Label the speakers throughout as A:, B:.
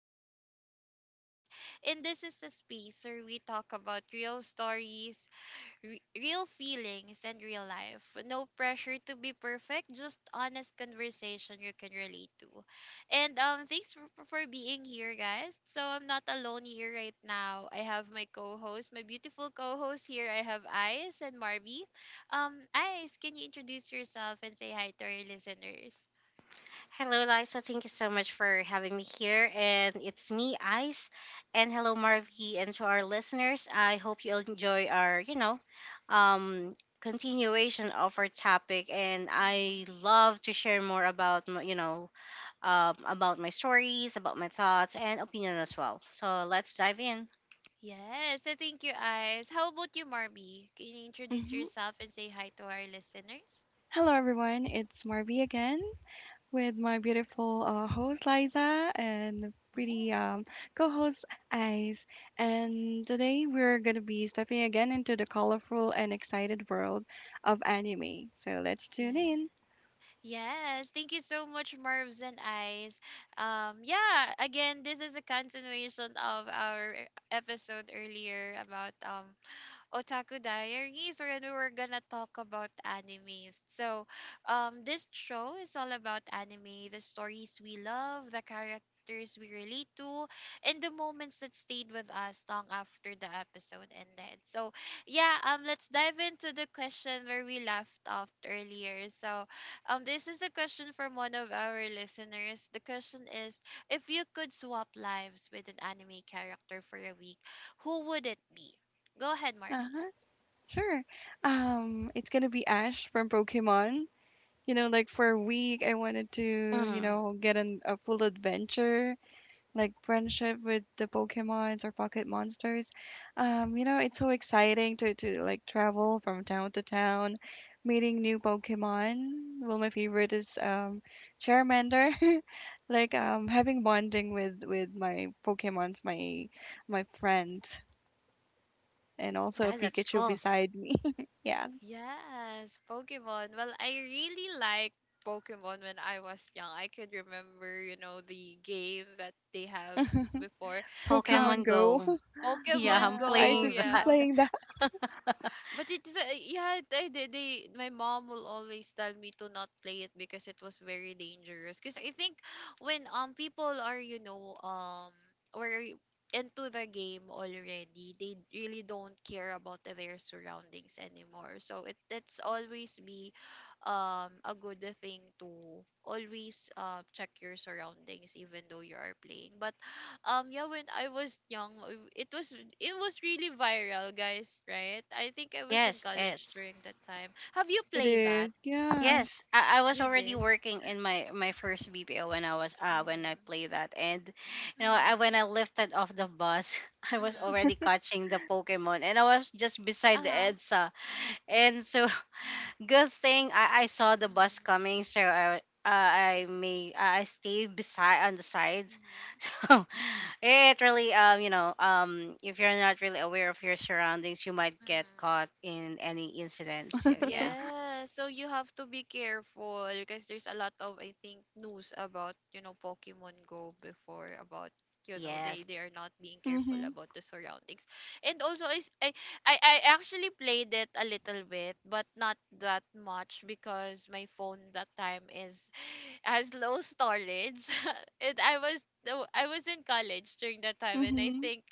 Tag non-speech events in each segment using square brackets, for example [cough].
A: I'm Liza, your host, and this is a space where we talk about real stories, real feelings, and real life. No pressure to be perfect, just honest conversation you can relate to. And thanks for being here, guys. So I'm not alone here right now. I have my co-host, my beautiful co-host here. I have Ice and Marby. Ice, can you introduce yourself and say hi to our listeners?
B: Hello, Liza. Thank you so much for having me here. And it's me, Ice. And hello,
A: Mm-hmm.
B: Marvy. And to our listeners, I hope you'll enjoy our, continuation of our topic. And I
A: Mhm.
B: love to share more about, about my stories, about my thoughts, and opinion as well. So let's dive in.
A: Yes, so thank you, Eyes. How about you, Marby? Can you introduce
C: Mhm.
A: yourself and say hi to our listeners?
C: Hello, everyone. It's Marvie again with my beautiful host Liza and pretty
A: Yes.
C: co-host Ice. And today we're gonna be stepping again into the colorful and excited world of anime. So let's tune
A: Yeah.
C: in.
A: Yes. Thank you so much, Marvs and Eyes. Yeah, again, this is a continuation of our episode earlier about Otaku Diaries, where we're gonna talk about animes. So, this show is all about anime, the stories we love, the characters we relate to, and the moments that stayed with us long after the episode ended. So, yeah, let's dive into the question where we left off earlier. So, this is the question from one of our listeners. The question is, if you could swap lives with an anime character for a week, who would it be? Go ahead,
C: Uh
A: Marby.
C: huh. Sure. It's gonna be Ash from Pokemon. You know, like for a week, I wanted to, you
B: Mm,
C: know, get a full adventure like friendship with the Pokemons or pocket monsters. You know, it's so exciting to like travel from town to town, meeting new Pokemon. Well, my favorite is Charmander. [laughs] Like having bonding with my Pokemons, my friends, and also
B: yeah,
A: Mhm.
B: that's
C: Pikachu
B: cool.
C: beside me. [laughs] Yeah,
A: Yes, Pokemon. Well, I really liked Pokemon when I was young. I could remember, you know, the game that they have before.
C: Pokemon
B: Pokemon
A: Um,
C: Go.
B: Go.
C: [laughs]
B: [laughs] Yeah,
A: Pokemon
B: I'm
C: Yeah, I
A: Go,
B: playing
C: just love
B: that.
A: yeah.
B: [laughs]
C: playing that.
A: But it's yeah, they my mom will always tell me to not play it because it was very dangerous. Because I think when people are were into the game already, they really don't care about their surroundings anymore. So it's always be a good thing to always check your surroundings even though you are playing. But yeah, when I was young, it was it was really viral, guys, right? I think I was in
B: Yes,
A: college
B: yes.
A: during that time. Have you
C: It
A: played that?
C: is.
A: have you,
C: Yes.
B: Yes, I was
A: you
B: already
A: did.
B: working in my first BPO when I was when I
A: Mhm.
B: played that, and you know when
A: Mhm.
B: I lifted off the bus, [laughs] I was
A: Mhm.
B: already catching the Pokemon, and I was just beside the
A: Uh-huh.
B: Edsa, and so [laughs] good thing I saw the bus
A: Mhm.
B: coming, so I may I stayed beside on the sides, [laughs]
A: Mhm.
B: so it really if you're not really aware of your surroundings, you might get caught
A: Mhm.
B: in any incidents. So, yeah.
A: Yeah, so you have to be careful because there's a lot of, I think, news about, you know, Pokemon Go before, about you know, they
B: Yes.
A: they are not being careful
C: Mhm.
A: about the surroundings. And also is, I actually played it a little bit, but not that much because my phone that time is [sighs] has low storage. [laughs] And I was in college during that time, and I
C: Mhm.
A: think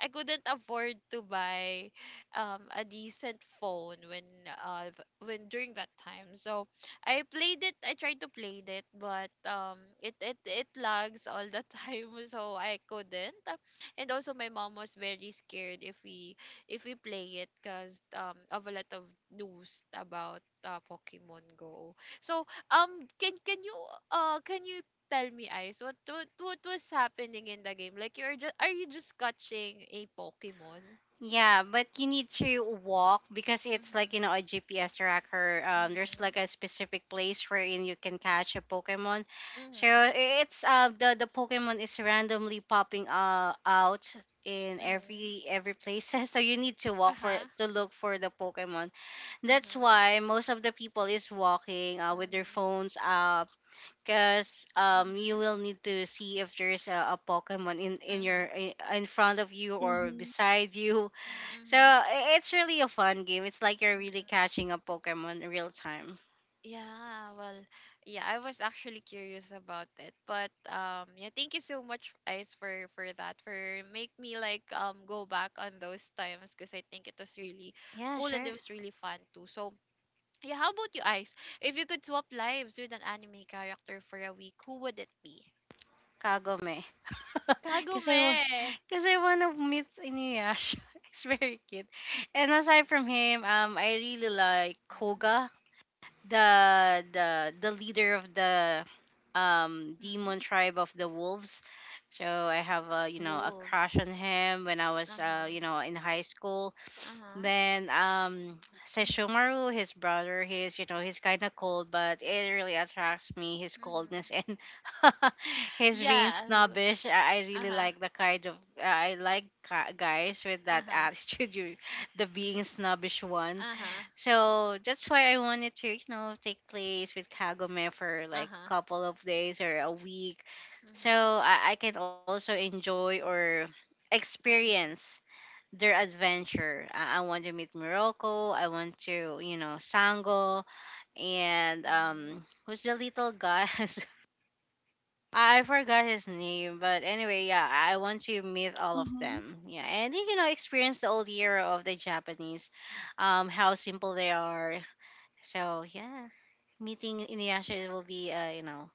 A: I couldn't afford to buy a decent phone when during that time. So I played it, I tried to play it, but it lags all the [laughs] time, so I couldn't. And also my mom was very scared if we, if we play it, because of a lot of news about Pokemon Go. So um can can you can you tell me, Ice, what was happening in the game? Like, you're just, are you just catching a Pokemon?
B: Yeah, but you need to walk because it's like you know
A: Mm-hmm.
B: a GPS tracker. There's
A: Mhm.
B: like a specific place wherein you can catch a Pokemon. So
A: Mhm.
B: I- it's the Pokemon is randomly popping out in
A: Mhm.
B: every place. [laughs] So you need to walk for
A: Uh-huh.
B: to look for the Pokemon. That's
A: Mhm.
B: why most of the people is walking with their
A: Mhm.
B: phones up because you
A: Mhm.
B: will need to see if there's a Pokemon in in your
A: Mhm.
B: in in front of you or
C: Mhm.
B: beside you so
A: Mhm.
B: it's really a fun game. It's like you're really
A: Mhm.
B: catching a Pokemon in real time.
A: Yeah, well, yeah, I was actually curious about it. But yeah, thank you so much, Ice, for that, for make me like go back on those times, because I think it was really
B: Yeah,
A: cool and it
B: sure.
A: was really fun too. So yeah, how about you, Ice? If you could swap lives with an anime character for a week, who would it be?
B: Kagome. [laughs] Because I,
A: Kagome.
B: want, cause I want to meet Inuyasha. [laughs] It's very cute. And aside from him, I really like
A: Mhm.
B: Koga, the the leader of the
A: Mhm.
B: demon tribe of the wolves. So I have a
A: The
B: you know a
A: wolves.
B: crush on him when I was
A: Uh-huh.
B: you know in high school.
A: Uh-huh.
B: Then
A: Mhm.
B: Sesshomaru, his brother, he's you know, he's kinda cold, but it really attracts me, his
A: Mhm.
B: coldness and [laughs] his being
A: Yes.
B: snobbish. I really
A: Uh-huh.
B: like the kind of guys with that
A: Uh-huh.
B: attitude, [laughs] you the being snobbish one.
A: Uh-huh.
B: So that's why I wanted to, you know, take place with Kagome for like a
A: Uh-huh.
B: couple of days or a week. So
A: Mhm.
B: I can also enjoy or
A: Mhm.
B: experience their adventure. I want to meet Morocco. I want to, you know, Sango and
A: Mhm.
B: who's the little guy? [laughs] I forgot his name, but anyway, yeah, I want to meet all of
C: Mhm.
B: them. Yeah, and you know, experience the old era of the Japanese, how simple they are. So yeah, meeting Inuyasha will be,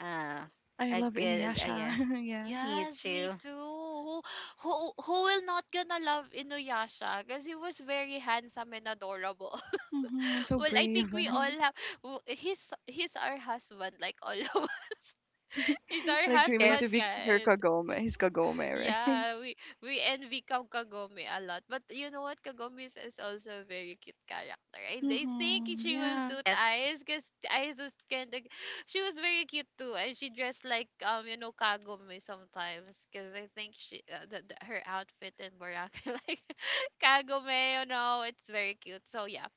B: uh,
C: I
B: a
C: love
B: good, yeah,
C: Inuyasha. [laughs] Yeah.
B: me
A: Yes, me
B: too.
A: too. Who will not gonna love Inuyasha? Because he was very handsome and adorable.
C: Hmm.
A: [laughs]
C: So
A: Well, I think
C: brave. [laughs]
A: we
B: Yes,
A: all have. He's our husband, like all of [laughs] us. He's our
C: Like dreaming to
A: husband,
B: yes,
C: be her
A: guys.
C: Kagome, his Kagome, right?
A: Yeah, we envy Kam Kagome a lot. But you know what? Kagome is also a very cute character.
C: [laughs]
A: I think
C: Hmm.
A: she will
C: Yeah.
A: suit
B: yes,
A: Eyes because Eyes was kind of, she was very cute too, and she dressed like you know, Kagome sometimes, because I think she her outfit in Boracay [laughs] like Kagome, you know, it's very cute. So yeah.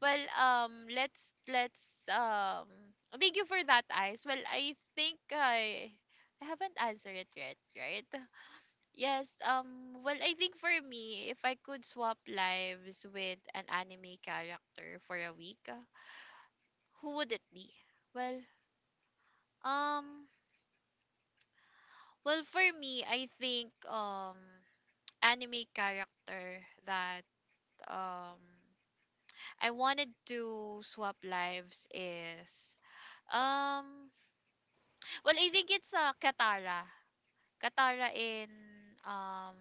A: Well, let's thank you for that, Eyes. Well, I think I haven't answered it yet, right? Yes, well, I think for me, if I could swap lives with an anime character for a week, who would it be? Well, um well, for me, I think anime character that um I wanted to swap lives is um well, I think it's Katara. Katara in um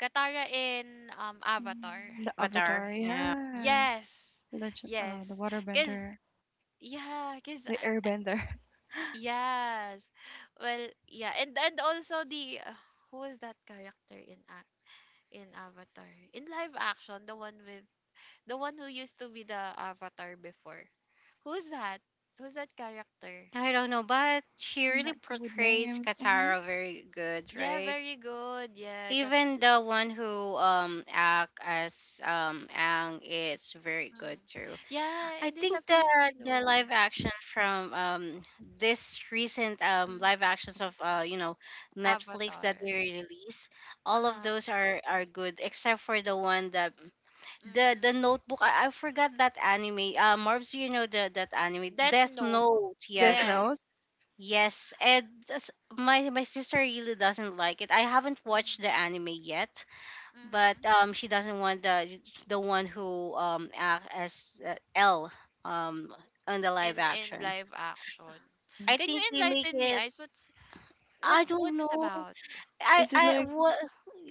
A: Katara in Avatar.
C: Mm, the
B: Avatar.
C: Avatar,
B: Yeah,
C: yes.
A: Yes,
C: Legend,
A: yes,
C: the
A: cause
C: Waterbender,
A: yeah, cause
C: the Airbender.
A: yes, well, yeah, and also the who was that character in Avatar, in live action, the one with the one who used to be the Avatar before, who's that? Who's that character?
B: I don't know, but she
C: [laughs] I'm
B: really
C: not good with
B: portrays
C: names. Hmm.
B: Katara very good,
A: Yeah,
B: right?
A: very good. Yeah,
B: Even
A: Katsushiko.
B: the one who act as Ang is very good
A: Mm.
B: too.
A: Yeah,
B: I
A: and he's a
B: think the
A: Filipino.
B: live action from this recent live
A: Mm-hmm.
B: actions of Netflix that they
A: Avatar.
B: release, all of
A: Uh-huh.
B: those are good except for the one that the
A: Mm-hmm.
B: Notebook. I forgot that anime. Marbs, you know the that anime
A: Death
B: Death
A: Note.
B: Note.
C: Death
B: Yes.
C: Note.
A: Yes.
B: Yes, and my sister really doesn't like it. I haven't watched the
A: Mm-hmm.
B: anime yet, but
A: Mhm.
B: she doesn't want the one who act as L um on the live
A: In
B: action.
A: live action.
C: Mm.
B: I
A: Can you
B: think they make
A: enlighten me,
B: it.
A: Ice? What's,
B: I
A: what's
B: don't
A: what's it
B: know.
A: about?
C: Is it
B: I
C: like?
B: what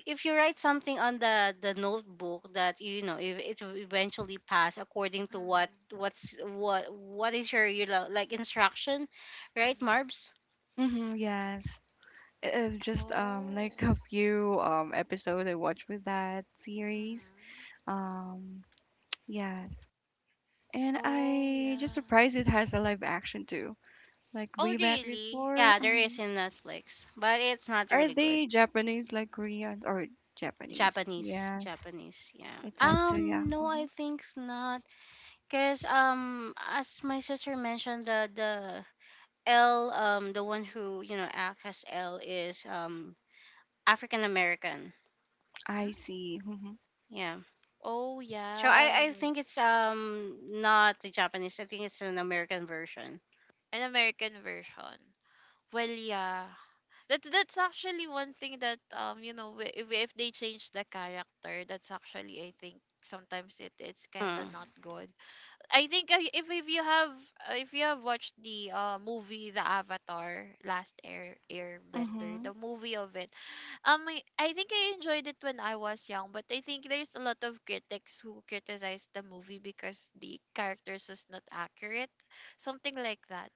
B: if you write something on the notebook that you know if it will eventually pass according to what
A: Mm-hmm.
B: what's what is your you know like instruction, right,
A: Mm-hmm.
B: Marbs?
C: Hmm, yes. Just like
A: Oh.
C: a few episodes I watched with that series.
A: Mm-hmm.
C: Um, [tsk] yes. And
A: Oh
C: I just
A: yeah.
C: surprised it has a live action too. Like
A: Oh
C: way back
A: really?
C: before.
B: Yeah, there is
C: Hmm.
B: in Netflix, but it's not
C: Are
B: really good.
C: they Japanese like
A: Mm-hmm.
C: Koreans or Japanese?
B: Japanese,
C: Yeah,
B: Japanese, yeah.
C: it's Tatsuya. Yeah.
B: No, I
C: Hmm.
B: think not, cause as my sister mentioned, the L, the one who you know acts as L is African American,
C: I
A: Mm-hmm.
C: see. Mm-hmm.
B: yeah.
A: Oh
B: So
A: yeah.
B: I
A: Well,
B: think it's not the Japanese. I think it's an American version.
A: an American version. Well yeah. That that's actually one thing that you know, if they change the character, that's actually, I think, sometimes it's kind of
B: Hmm.
A: not good. I think if you have watched the movie The Avatar Last Airbender,
C: Mm-hmm.
A: the movie of it, I think I enjoyed it when I was young, but I think there's a lot of critics who criticized the movie because the characters was not accurate, something like that,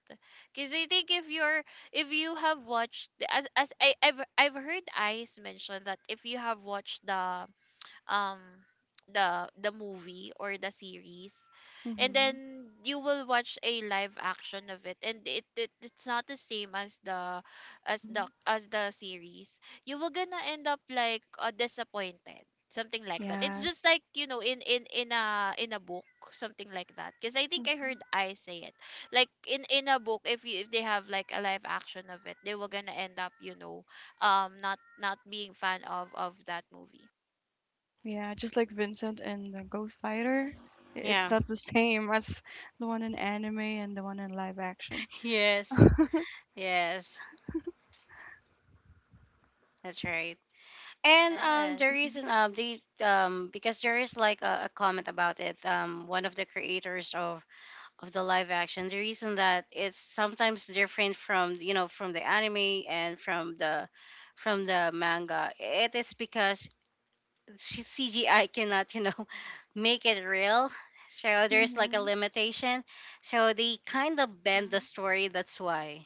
A: because I think if you're, if you have watched, as I, I've heard Ice mention, that if you have watched the um the movie or the series, and
C: Hmm.
A: then you will watch a live action of it, and it's not the same as the, as the,
C: Hmm.
A: as the series, you will gonna end up like, disappointed, something like that. It's
C: Yes.
A: just like, you know, in a book, something like that, because I think I
C: Hmm.
A: heard I say it, like in a book, if you, if they have like a live action of it, they were gonna end up, you know, not being fan of that movie.
C: Yeah, just like Vincent and the Ghost Fighter. It's
B: Yeah. [laughs]
C: not the same as the one in anime and the one in live action.
B: Yes. Yes. That's right. And the
A: Yes.
C: Mm-hmm.
B: reason they because there is like a comment about it one of the creators of the live action the reason that it's sometimes different from you know from the anime and from the manga it is because c- CGI cannot you know [laughs] make it real so there's like a
C: Mm-hmm.
B: limitation so they kind of bend the
A: Mhm.
B: story that's why.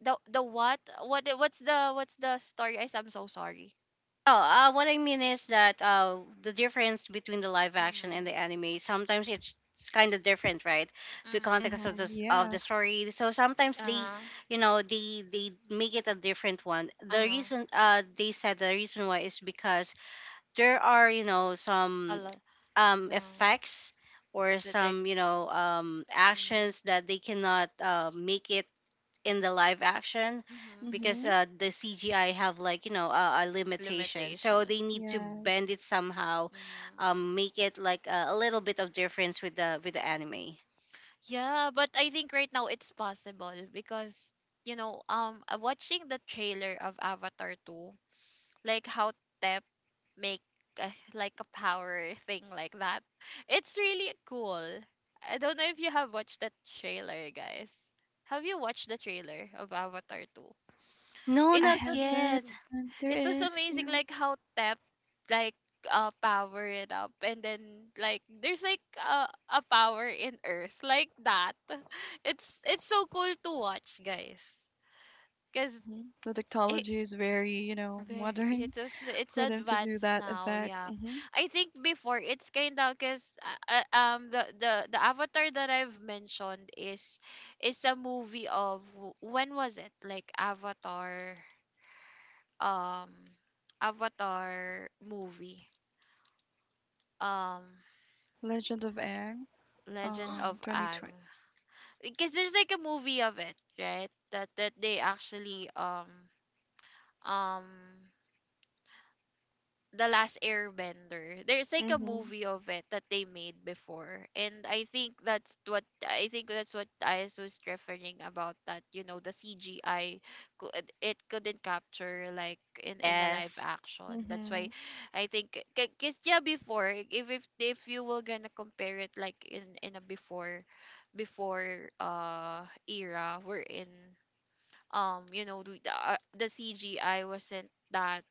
A: The what? What, what's the story? I, I'm so sorry.
B: Oh, what I mean is that the difference between the live action and the
A: Mhm.
B: anime sometimes it's kind of different, right? The
A: Mhm.
B: context of the of the
C: Yes.
B: story. So sometimes they,
A: Uh-huh.
B: you know, they make it a different one. The
A: Uh-huh.
B: reason they said the reason why is because there are you know
A: A
B: some
A: lot. Uh,
B: effects or
A: the take
B: some you know
A: mm,
B: actions that they cannot make it in the live action
A: mhm.
B: because
C: Mm-hmm.
B: the CGI have like you know a limitation, so they
A: Limitations.
B: need to
C: Yes.
B: bend it somehow,
A: Mhm.
B: make it like a little bit of difference with the anime.
A: Yeah, but I think right now it's possible, because you know, watching the trailer of Avatar 2, like how Tef make a, like a power thing like that. It's really cool. I don't know if you have watched that trailer, guys. Have you watched the trailer of Avatar 2?
B: No,
C: I
A: It was
B: not
C: haven't.
B: yet.
A: amazing.
C: There
A: It was
C: is.
A: amazing,
C: Yeah.
A: like how Tep, like power it up and then like there's like a power in earth like that. [laughs] It's so cool to watch, guys. Cuz
C: Hmm. The technology is very, you know,
A: very,
C: modern,
A: it's, it's
C: for them to do
A: advanced
C: that
A: now,
C: effect.
A: yeah.
C: Hmm.
A: I think before it's kind of because the Avatar that I've mentioned is a movie of when was it, like Avatar, um Avatar movie, um
C: Legend of Aang,
A: Legend
C: [gasps]
A: of Aang,
C: 2020.
A: because there's like a movie of it, right, that that they actually um The Last Airbender. There's like a
C: Mhm,
A: movie of it that they made before, and I think that's what, I think that's what I was referring about, that you know the CGI, it couldn't capture, like in a live
B: Yes.
A: action. That's why,
C: mhm,
A: I think, because yeah, before, if you were gonna compare it, like in a before, before era we're in, you know, the CGI wasn't that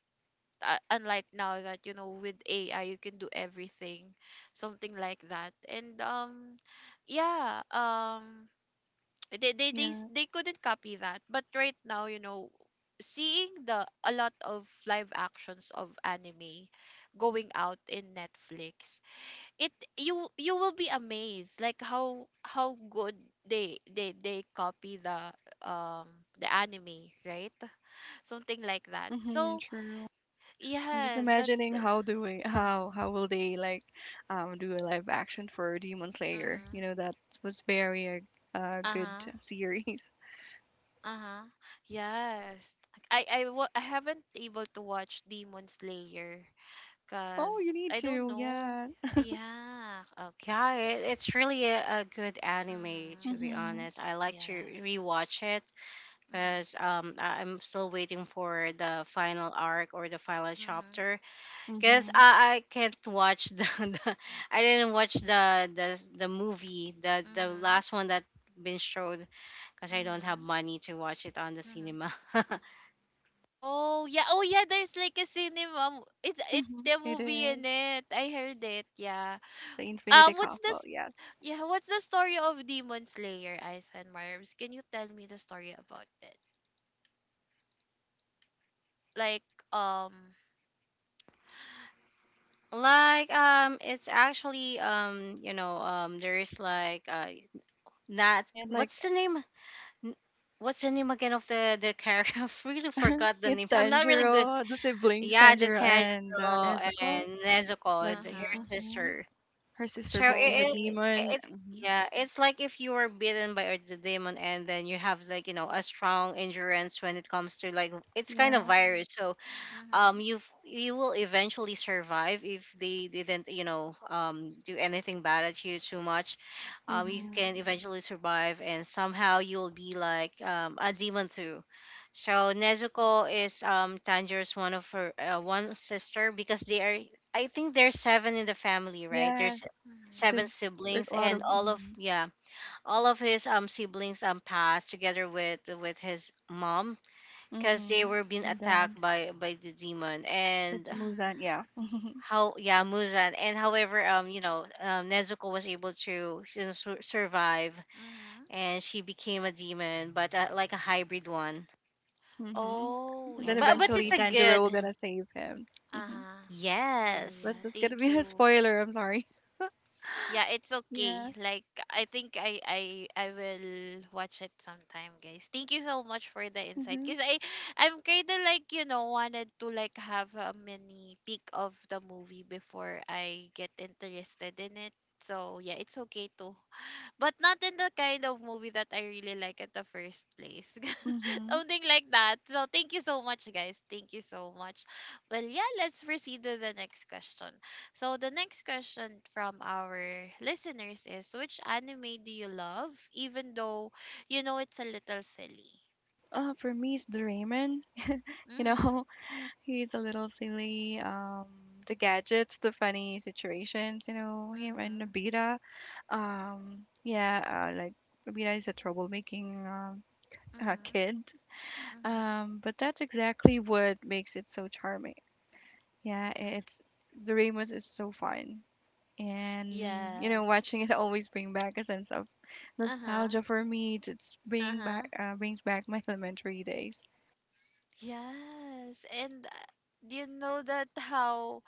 A: unlike now that you know, with AI, you can do everything, something like that. And yeah, [tsk]
C: yeah,
A: they couldn't copy that. But right now, you know, seeing the a lot of live actions of anime going out in Netflix, it, you will be amazed, like how good they copy the anime, right? Something like that.
C: mhm,
A: So
C: true. I'm just
A: yes, that's
C: imagining how do we,
A: Mm-hmm.
C: how will they like, do a live action for Demon Slayer?
A: Mm-hmm.
C: You know that was very a good
A: Uh-huh.
C: series. [laughs]
A: Uh-huh. Yes. I haven't able to watch Demon Slayer,
C: Oh, you
A: cuz
C: need
A: I don't
C: to,
A: know.
C: yeah.
A: Yeah. Okay.
B: Yeah,
A: Yeah.
B: it's really a good anime to
A: Mm-hmm.
B: be
C: Mhm,
B: honest. I like to
A: Yes.
B: rewatch it because
A: Mm-hmm.
B: I- I'm still waiting for the final arc or the final
A: Mm-hmm.
B: chapter. Cause
C: mhm,
B: I can't watch the, [laughs] the. I didn't watch the the movie the
A: Mm-hmm.
B: last one that been showed because I don't have
A: Mm-hmm.
B: money to watch it on the
A: Mm-hmm.
B: cinema. [laughs]
A: Oh, yeah. Oh, yeah, there's like a cinema. It's it
C: mhm.
A: the
C: It
A: movie in
C: is
A: it. I heard it. Yeah.
C: the Infinity
A: Um, what's
C: Castle.
A: this,
C: Yes,
A: yeah, what's the story of Demon Slayer, Ice and Marms? Can you tell me the story about it? Like um
B: Like it's actually you know there is like not
C: yeah, like
B: what's the name? N- What's the name again of the character? [laughs] I've really forgot the
C: it's
B: name. I'm not really good.
A: Uh-huh.
C: Tanjiro, the siblings
B: Yeah, the
C: Tanjiro and
B: Tanjiro
C: Nezuko.
B: and
C: Like
B: Nezuko, her
A: Uh-huh.
C: mhm.
B: sister.
C: Her sister
B: So
C: became a
A: Oh.
B: it
C: demon.
B: it's
C: Mhm.
B: yeah, it's like if you were bitten by a the demon and then you have like, you know, a strong endurance when it comes to like it's kind of
C: Yeah.
B: virus. So
A: Mhm.
B: you've you will eventually survive if they didn't you know do anything bad at you too much you
C: Mhm.
B: can
A: Mhm.
B: eventually survive and somehow you'll be like a demon too. So Nezuko is Tanjiro's one of her one sister because they are I think there's seven in the family, right?
C: Yeah.
B: There's
A: Mhm.
B: seven
C: So there's
B: siblings
C: a lot
B: and
C: of
B: all of
C: mhm.
B: yeah all of his siblings passed together with his mom because they
C: Mhm.
B: were being
C: And
B: attacked
C: then
B: by the demon.
C: it's
B: And
C: Muzan.
A: Mhm.
C: Yeah. [laughs]
B: how yeah Muzan. And however Nezuko was able to you know, survive
A: Mhm.
B: and she became a demon but like a hybrid one,
C: Mhm.
A: Oh,
C: And
B: yeah,
C: then
B: but
A: yeah,
B: it's
C: eventually
B: a
A: that's
C: Tanjiro will
B: good,
A: amazing.
C: gonna save him. Mhm.
A: Uh-huh. Well,
B: yes,
C: But
A: yeah,
C: that's gonna
A: thank
C: be a
A: you.
C: spoiler. I'm sorry.
A: Yeah, it's okay.
C: Yeah.
A: Like, I think I will watch it sometime, guys. Thank you so much for the insight.
C: Mhm.
A: Cause I'm kinda like you know wanted to like have a mini peek of the movie before I get interested in it. So yeah, it's okay to. But not in the kind of movie that I really like at the first place. [laughs]
C: Mhm.
A: Something like that. So thank you so much, guys. Thank you so much. Well, yeah, let's proceed to the next question. So the next question from our listeners is, which anime do you love even though you know it's a little silly?
C: For me, it's Doraemon. You
A: Mhm.
C: know, [laughs] he's a little silly. The gadgets, the funny situations, you know, him and
A: Mhm.
C: Nobita. Yeah, like Nobita is a troublemaking
A: Mhm.
C: kid.
A: Mhm.
C: But that's exactly what makes it so charming. Yeah, I- it's Doraemon is so fun. And you know,
A: Yes.
C: watching it [laughs] always bring back a sense of
A: Uh-huh.
C: nostalgia for me. It's bring back
A: Uh-huh.
C: brings back my [laughs] elementary days.
A: Yes. And do you know that how?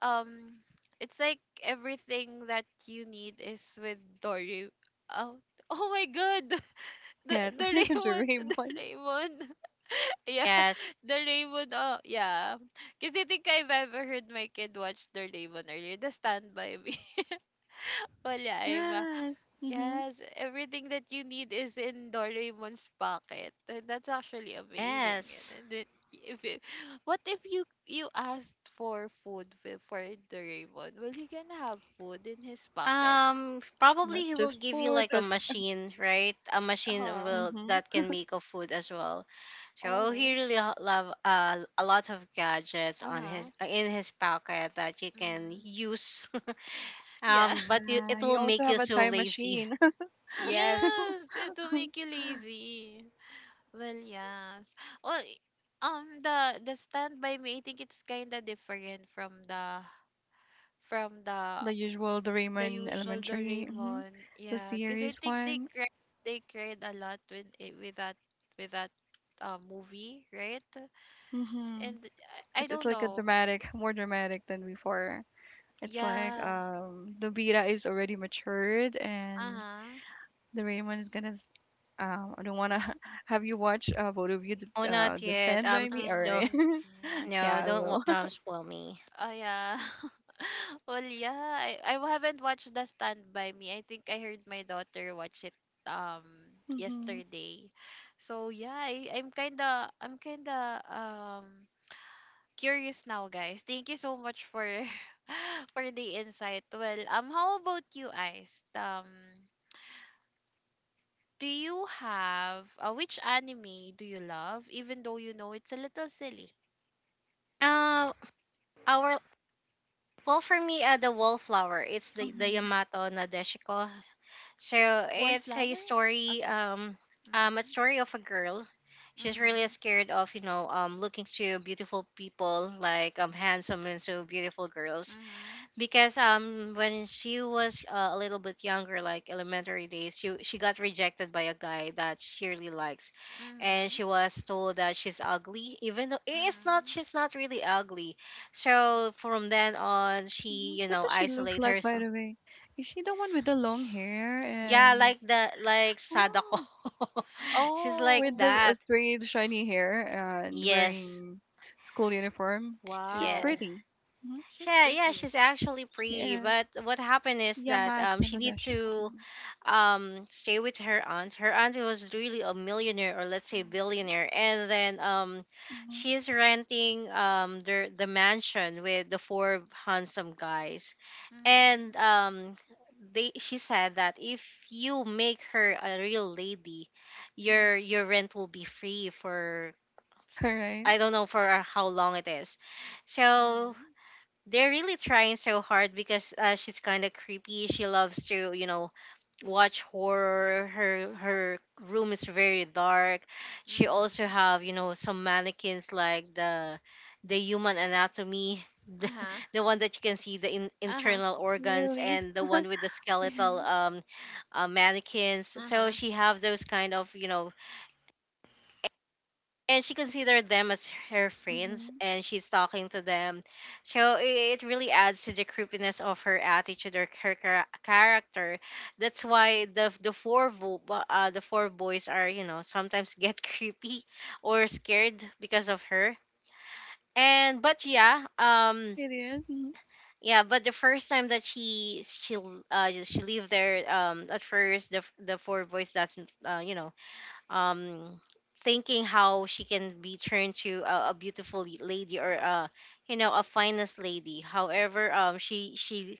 A: Um, it's like everything that you need is with Dory. Oh, [laughs] oh my God, [laughs] the
C: Yes,
A: the
C: [laughs]
A: Raymond, [laughs] the
C: Doraemon.
A: Raymond, [laughs] yeah,
B: yes.
A: the Raymond. Oh, yeah, because I think I've ever heard my kid watch the Raymond earlier. The Stand by Me. [laughs] Wala, I'm.
C: Yes. Hmm.
A: Yes, everything that you need is in Doraemon's pocket. And that's actually amazing.
B: Yes,
A: And it, if you, [gasps] what if you asked for food for Doraemon? Will he gonna have food in his pocket?
B: probably
C: Not
B: he will
C: just
B: give you
C: food,
B: like a
C: but
B: machine right a machine
A: Uh-huh.
B: will
C: mhm.
B: that can make a food as well. So he
A: Oh.
B: really love a lot of gadgets on
A: Uh-huh.
B: his in his pocket that you can
A: Mm-hmm.
B: use. [laughs]
A: Yeah. [laughs]
B: But you,
C: Yeah,
B: it will
C: you also
B: make you
C: have a
B: so
C: time
B: lazy.
C: machine.
B: [laughs]
C: [laughs]
B: Yes.
C: Too.
A: Yes, it will make you lazy. Well, yes. Well, I- the Stand By Me, I think it's kind of different from the from the.
C: The usual
A: The
C: Doraemon
A: usual
C: Elementary. Mhm.
A: Doraemon.
C: The
A: Yeah, because I
C: series
A: think
C: one.
A: they cried a lot when it, with that movie, right?
C: Mhm.
A: And I
C: It's
A: don't
C: like a
A: know.
C: dramatic, more dramatic than before. It's like
A: Yeah.
C: Nobita is already matured and
A: Uh-huh.
C: Doraemon is gonna I don't wanna [laughs] have you watch both of you
B: Oh, not
C: the
B: yet.
C: Stand by
A: Huh.
C: Me.
B: Please
C: All
B: don't.
C: right.
A: I
C: [laughs]
A: see.
C: Yeah,
B: No,
C: I
B: don't wa-
C: will.
B: spoil me.
A: Oh yeah. [laughs] well, yeah. I haven't watched The Stand by Me. I think I heard my daughter watch it um
C: [laughs] Mhm.
A: yesterday. So yeah, I, I'm kinda curious now, guys. Thank you so much for [laughs] for the insight. Well, how about you, Ice? Do you have which anime do you love, even though you know it's a little silly?
B: Uh, our well For me, the wallflower. It's the
C: Mhm.
B: Yamato Nadeshiko. So it's
A: Wallflower. Okay.
B: a
A: Mhm.
B: story of a girl. She's really
A: Mhm.
B: scared of you know looking to beautiful people like handsome and so beautiful girls
A: Mhm.
B: because when she was a little bit younger like elementary days she got rejected by a guy that she really likes and
A: Mhm.
B: she was told that she's ugly even though it's not
A: Mhm.
B: she's not really ugly. So from then on she
C: Mhm.
B: you
C: What
B: know
C: does she look
B: isolate
C: like, by
B: herself.
C: the way? Is she the one with the long hair
B: Yeah,
C: and
B: like the like Sadako.
C: oh,
B: [laughs] She's like
C: with
A: Oh,
C: the
B: that.
C: straight, shiny hair and
B: Yes.
C: wearing school uniform? She's
B: Yeah.
A: wow.
C: pretty. Hmm.
A: She's
B: Yeah, yeah,
A: pretty.
B: she's actually
C: She
B: pretty,
C: is
B: but what happened is that
C: Yamato
B: she needs
C: Nadeshiko.
B: to
C: Mm-hmm.
B: stay with her aunt. Her aunt was really a millionaire, or let's say
A: Mhm.
B: billionaire. And then
C: Mm-hmm.
B: she's renting the mansion with the four handsome guys.
A: Mhm.
B: And they, she said that if you make her a real lady, your
A: Mhm.
B: rent will be free for,
C: [laughs] All right.
B: I don't know for how long it is. So
A: Mhm.
B: they're really trying so hard because she's kind of creepy. She loves to watch horror. Her room is very dark. She also
A: Mhm.
B: have some mannequins like the human anatomy, [laughs]
A: Uh
B: the,
A: huh.
B: the one that you can see the
A: Uh huh.
B: internal organs,
C: Really?
B: and the one with the skeletal
C: Mm-hmm.
B: mannequins.
A: Uh
B: So
A: huh.
B: she have those kind of, you know. And she considered them as her friends,
C: Mm-hmm.
B: and she's talking to them. So it really adds to the creepiness of her attitude or her character. That's why the four the four boys are, you know, sometimes get [laughs] creepy or scared because of her. And but yeah
C: It is. Mhm.
B: Yeah, but the first time that she she leave there, at first the the four boys doesn't, you know, um thinking how she can be turned to a beautiful lady or you know, a finest lady. However, she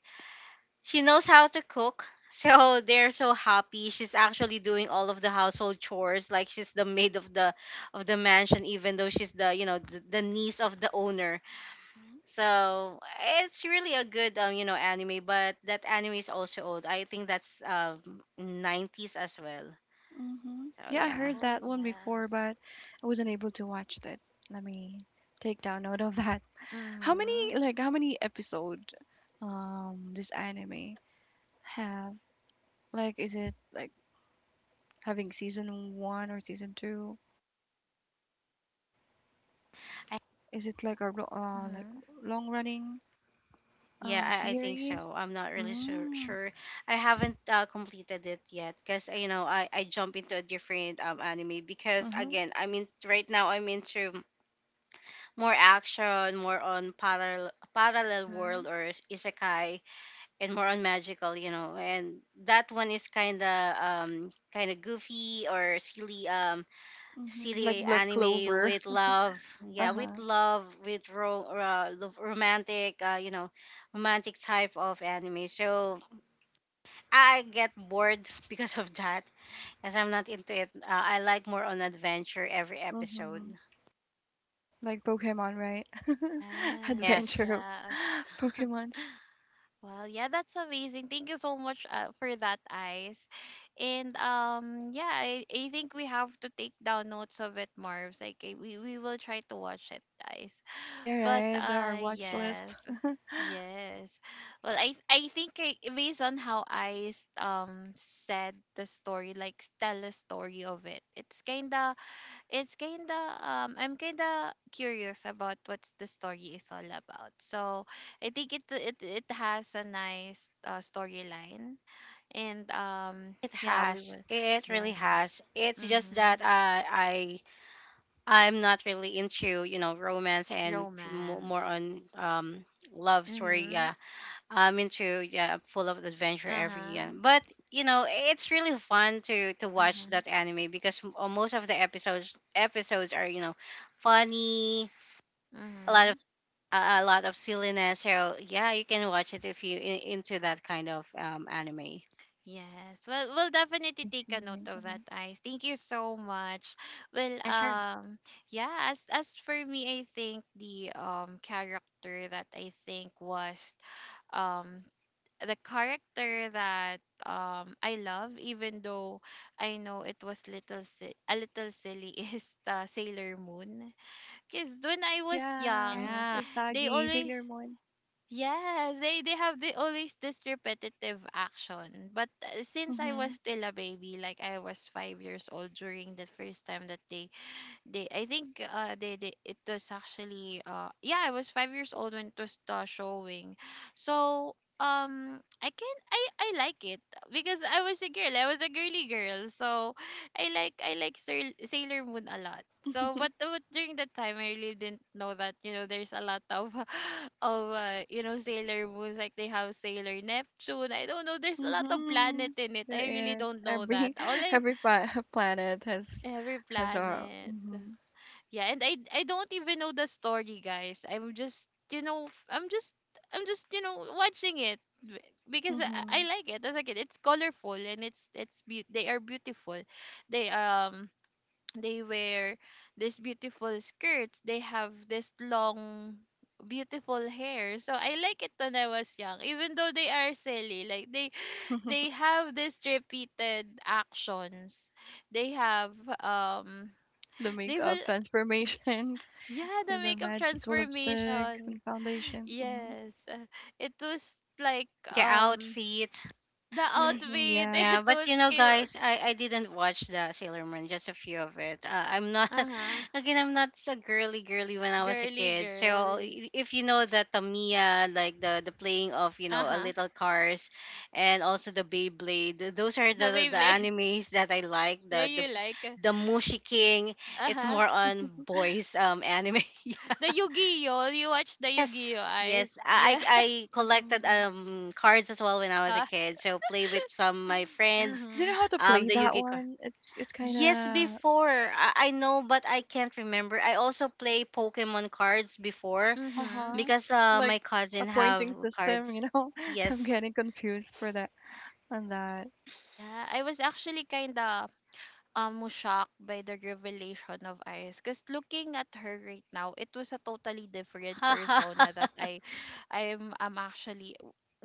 B: she knows how to cook. [laughs] So they're so happy. She's actually doing all of the household chores, like she's the maid of the mansion, even though she's the, you know, the niece of the owner.
A: [laughs]
B: So it's really a good, you know, anime, but that anime is also old. I think that's 90s as well.
C: Hmm.
B: So
C: Yeah, I
B: yeah.
C: heard
A: Oh,
C: that one before,
A: yes.
C: but I wasn't able to watch it. Let me take down note of that. [laughs] How many
A: Mm-hmm.
C: like how many episode this anime have? Like, is it like having season one or season two? Is it like a like
A: Mm-hmm.
C: long running
B: Yeah, I think
C: series?
B: so. I'm not really sure.
C: Mm.
B: sure. I haven't completed it yet because, you know, I jump into a different, anime because,
C: Uh-huh.
B: again, I mean, right now I'm into more action, more on parallel
A: Mm-hmm.
B: world or isekai, and more on magical. You know, and that one is kind of, kind of goofy or silly,
C: Mm-hmm. Like
B: silly
C: Black
B: anime
C: Clover.
B: with love. Yeah, with
C: Uh-huh.
B: love, with romantic, you know, romantic type of anime. So I get bored [laughs] because of that, as I'm not into it. I like more on adventure every episode.
C: Mm-hmm. Like Pokemon, right?
A: Yes.
C: [laughs] Adventure
B: Yes,
C: of
A: Yeah.
C: [laughs]
A: [laughs]
C: Pokemon.
A: Well, yeah, that's amazing. Thank you so much for that, Ice. And yeah, I think we have to take down notes of it, Marv's. Like eh, we will try to watch it, Ice.
C: You're
A: But
C: right, our watch list.
A: yes,
C: [laughs] I
A: yes. Well, I think I, based on how Ice said the story, like tell the story of it, it's kinda I'm kinda curious about what the story is all about. So I think it has a nice storyline and
B: it
A: yeah we
B: has,
A: will.
B: it really
A: Yes.
B: has. It's just that
A: Mhm.
B: I I'm not really into, you know, romance and more
A: Romance.
B: on, love story.
A: Mhm.
B: Yeah, I'm into, yeah, I'm full of adventure
A: Uh
B: every year.
A: huh.
B: But, you know, it's really fun to
A: Uh
B: watch that
A: huh.
B: anime because most of the episodes are, you know, funny, a lot of,
A: Mhm.
B: a a lot of silliness. So yeah, you can watch it if you into that kind of, anime.
A: Yes. Well, we'll definitely take a
C: see.
A: note of
C: Hmm.
A: that, Ice. Thank you so much. Well,
B: Yeah, sure.
A: yeah. As for me, I think the character that I think was um the character that I love, even though I know it was little si- a little silly, [laughs] is the Sailor Moon. Cause when I was
C: Yeah,
A: young,
B: Yeah,
A: they
C: Usagi,
A: always.
C: Sailor Moon.
A: Yes, they have the always this repetitive action. But since I
C: Mm-hmm.
A: was still a baby, like I was 5 years old during the first time that they, I think they, it was actually, yeah, I was 5 years old when it was showing. So, I can, I like it because I was a girl. I was a girly girl. So, I like Sail- Sailor Moon a lot. So,
C: [laughs]
A: but during that time, I really didn't know that, you know, there's a lot of, [laughs] of, you know, Sailor Moons. Like, they have Sailor Neptune. I don't know. There's a lot of
C: Mm-hmm.
A: planet in it. I really
C: There is
A: don't know that.
C: every
A: All
C: [laughs]
A: I,
C: every [laughs] planet
A: every
C: has a
A: planet.
C: mm-hmm,
A: Yeah, and I don't even know the story, guys. I'm just you know f- I'm just you know watching it b- because I
C: mm-hmm,
A: like it. As a kid, it's colorful and it's be- they are beautiful. They um they wear these beautiful skirts. They have this long beautiful hair. So I like it when I was young, even though they are silly. Like they have this repeated actions. They have
C: the
A: they
C: makeup
A: will.
C: transformations [laughs]
A: Yeah, the
C: and the
A: makeup
C: magical lipsticks
A: transformation.
C: and foundations. Mm-hmm.
A: Yes. [laughs] It was like
B: the outfit.
A: the
C: Mm-hmm.
A: outfit. [laughs]
C: Yeah.
B: Yeah,
A: It
B: but
A: was
B: you know,
A: cute.
B: guys, I didn't watch the Sailor Moon, just a few of it. I'm not,
A: Uh-huh.
B: [laughs] again, I'm not so girly girly when I was a
A: Girly
B: kid. So
A: girl.
B: i- if you know that Tamiya, like the playing of, you know, a
A: Uh-huh.
B: little cars, and also the Beyblade, those are
A: The
B: the
A: Beyblade. [laughs]
B: animes that I like.
A: Yeah, you like. Uh,
B: The Mushi King, it's
A: uh-huh.
B: more on boys, anime. [laughs]
A: The Yu-Gi-Oh! You watch the
B: Yes,
A: Yu-Gi-Oh!
B: yes.
A: Eyes.
B: I I
A: Yeah.
B: I
C: Mm-hmm. Do
B: collected, cards as well when I
A: [laughs]
B: was a
A: Ka.
B: kid. So play with some of my friends,
C: you
A: Mm-hmm.
C: know how to play
B: the
C: that
B: Yu-Gi card.
C: one? It's kind
B: Yes,
C: of
B: before I know, but I can't remember. I also play Pokemon cards before
A: Mm-hmm.
C: uh-huh.
B: because
C: Like
B: my
C: a
B: cousin have
C: pointing system,
B: cards.
C: you know. [laughs] I'm
B: Yes.
C: getting confused for that on that.
A: Yeah, I was actually kinda almost shocked by the revelation of Iris because looking at her right now, it was a totally different persona that
B: [laughs]
A: I I'm actually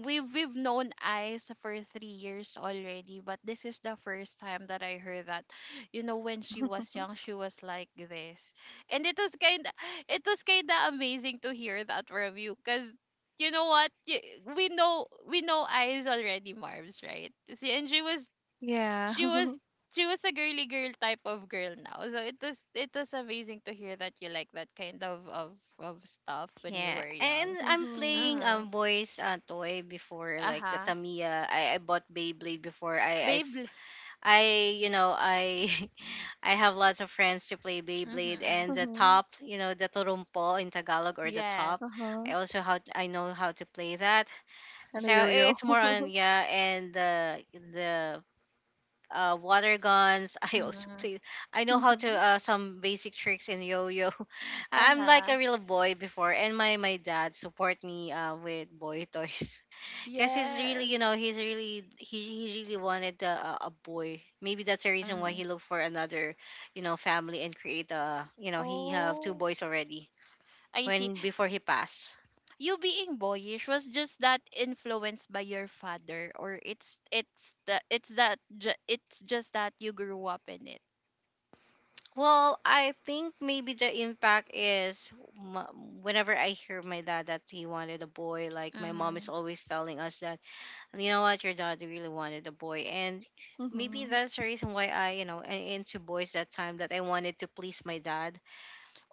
A: we've known Ice for 3 years already, but this is the first time that I heard that. You know, when she was young, she was like this. And it was kinda amazing to hear that from you because you know what? Y- we know Ice already, Marv's right. See, and she was
C: Yeah.
A: she was
C: [laughs]
A: she was a girly girl type of girl now. So it was amazing to hear that you like that kind of stuff when you
B: Yeah,
A: were
B: and
A: young.
B: I'm
C: Mm-hmm.
B: playing,
A: Uh-huh.
B: boys toy before like the
A: Uh-huh.
B: Tamiya. I bought Beyblade before. I I f-
A: Beyblade.
B: I, you know, I [laughs] I have lots of friends to play Beyblade
A: Mm-hmm.
B: and the
C: Mm-hmm.
B: top, you know, the torumpo in Tagalog, or the
A: Yes.
B: top.
C: Uh-huh.
B: I also how I know how to play that.
C: And a
B: So
C: yo-yo.
B: it's more on,
C: [laughs]
B: yeah, and the, water guns. [laughs] I also
A: Mm-hmm.
B: play. I know how to,
C: Mm-hmm.
B: some basic tricks in yo-yo. [laughs] I'm like
A: Uh-huh.
B: a real boy before, and my dad support me, with boy [laughs] toys. Cause he's really,
A: Yes.
B: you know, he's really, he really wanted a boy. Maybe that's the reason why he
A: Mm.
B: looked for another, you know, family and create a, you know, he have two
A: Oh,
B: boys already
A: I see.
B: when before he passed.
A: You being boyish was just that influenced by your father, or it's the it's that ju- it's just that you grew up in it.
B: Well, I think maybe the impact is, whenever I hear my dad that he wanted a boy, like my mom
A: Mm-hmm.
B: is always telling us that, you know what, your dad really wanted a boy, and maybe
C: Mm-hmm.
B: that's the reason why I, you know, into boys that time that I wanted to please my dad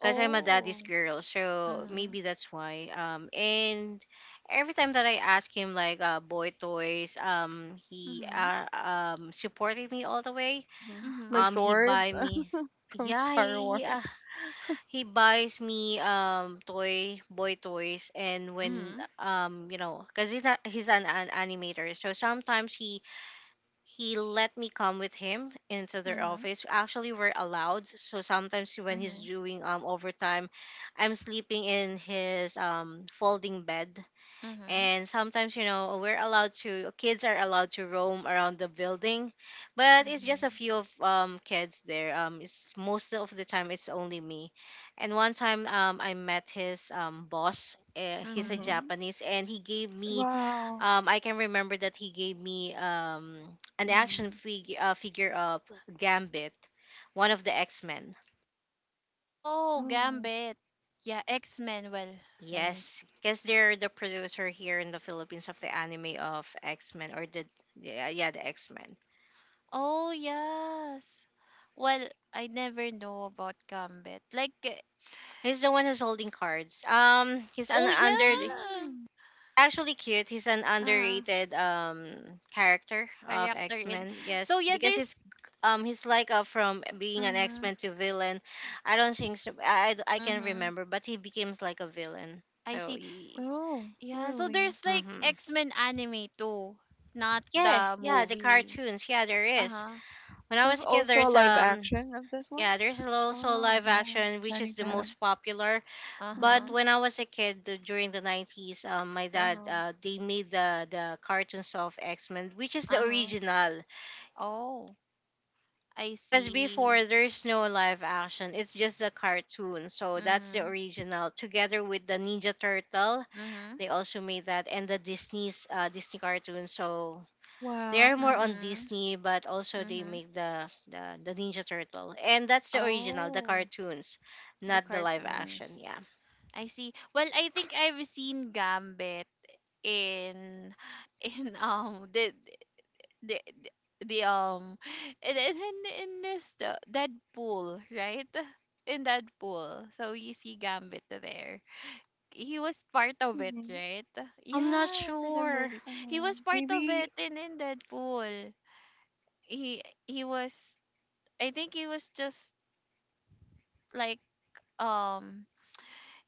B: because I'm a daddy's girl, so
A: Mm-hmm.
B: maybe that's why. And every time that I ask him like, boy toys, he,
A: Mm-hmm.
B: supported me all the way.
C: Mm-hmm.
A: Mhm,
C: Like
B: He
C: swords
B: buy me,
C: [laughs] from
B: yeah,
C: Star
B: he he,
C: Wars.
B: uh, he buys me, toy boy toys, and when,
A: mhm,
B: you know, cause he's not, he's an animator, so sometimes he let me come with him into their
A: mhm,
B: office. Actually, we're allowed. So sometimes when he's
A: mhm,
B: doing, overtime, I'm sleeping in his, folding bed.
A: mhm,
B: And sometimes, you know, we're allowed to, kids are allowed to roam around the building, but it's just a
A: mhm,
B: few of, kids there. It's most of the time it's only me. And one time, I met his, boss. He's a
A: mhm,
C: Mm-hmm.
B: Japanese, and he gave me,
C: Wow.
B: I can remember that he gave me an action
A: mhm.
B: figure of Gambit, one of the X Men.
A: Oh,
C: Oh.
A: Gambit. Yeah, X-Men. Well, let me
B: Yes,
A: see.
B: because they're the producer here in the Philippines of the anime of X Men, or the, yeah, yeah, the X Men.
A: Oh, yes. Well, I never know about Gambit. Like, eh,
B: He's the one who's holding cards. He's an
A: oh,
B: under
A: yeah.
C: Hmm.
B: actually cute. He's an
A: Uh,
B: underrated, character of
A: character
B: X
A: in.
B: Men.
A: So,
B: Yes,
A: yeah,
B: because
A: there's.
B: he's like, from being an X
A: Mhm,
B: Men to villain. I don't think so. I can
A: mhm.
B: remember, but he becomes like a villain.
A: I
B: So
A: see.
B: he.
C: Oh,
A: Yeah, so
C: really?
A: there's like
B: Mm-hmm.
A: X-Men anime too, not
B: Yeah,
A: the
B: yeah, the
A: movie.
B: cartoons. Yeah, there is.
A: Uh-huh.
B: When I
C: There's
B: was a kid,
C: also a
B: there's,
C: live action of this one.
B: yeah, there's also
C: Oh,
B: live
C: yeah.
B: action, which is
C: Channing
B: the
C: Tatum.
B: most popular. But
A: Uh-huh.
C: Mm-hmm.
B: when I was a kid, during the 90s, my dad,
A: Uh-huh.
B: they made the cartoons of X-Men, which is the
A: Uh-huh.
B: original.
A: Oh, I
B: Because before
A: see.
B: there's no live action, it's just a cartoon. So that's the
A: Mm-hmm.
B: original. Together with the Ninja Turtle,
A: Mm-hmm.
B: they also made that, and the Disney's, Disney cartoon. So they
C: Wow.
B: are more
C: Mm-hmm.
B: on
A: Mm-hmm.
B: Disney, but also they
A: Mm-hmm.
B: make the, the Ninja Turtle, and that's the original, the
A: Oh,
B: cartoons,
A: the
B: not the live action.
A: cartoons.
B: Yeah,
A: I see. Well, I think I've seen Gambit in [laughs] in the the in this Deadpool, right? In Deadpool. So you see Gambit there. He was part of it,
C: Mm-hmm.
A: right?
B: I'm not
A: Yes, in the
B: sure.
A: movie. He was part of it
C: Maybe
A: in Deadpool. He was, I think he was just like um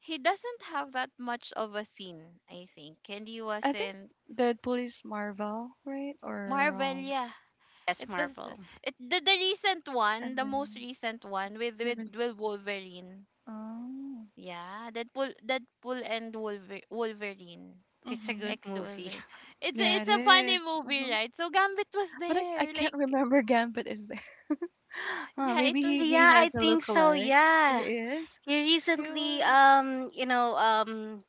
A: he doesn't have that much of a scene I think and he was
C: I think
A: in
C: Deadpool is Marvel, right? Or
A: Marvelia,
B: Yes,
A: it was
B: Marvel.
A: it the recent one,
C: and
A: the most
C: then
A: recent one
C: him is
A: with Wolverine,
C: oh,
A: yeah Deadpool Deadpool and Wolver, Wolverine
B: It's a good
C: mhm.
A: ex
B: movie.
A: Wolverine,
B: [laughs]
C: Yeah,
A: it's
C: it
A: a funny
C: is.
A: movie
C: Mhm.
A: right, so Gambit was
C: But I
A: there
C: can't
A: like
C: remember Gambit is there. [laughs]
A: yeah
C: Maybe he
B: Yeah,
C: has
B: I
C: a
B: think so.
C: lookalike. He
B: Yeah.
C: is.
B: He
A: it
B: recently,
A: was
B: you know,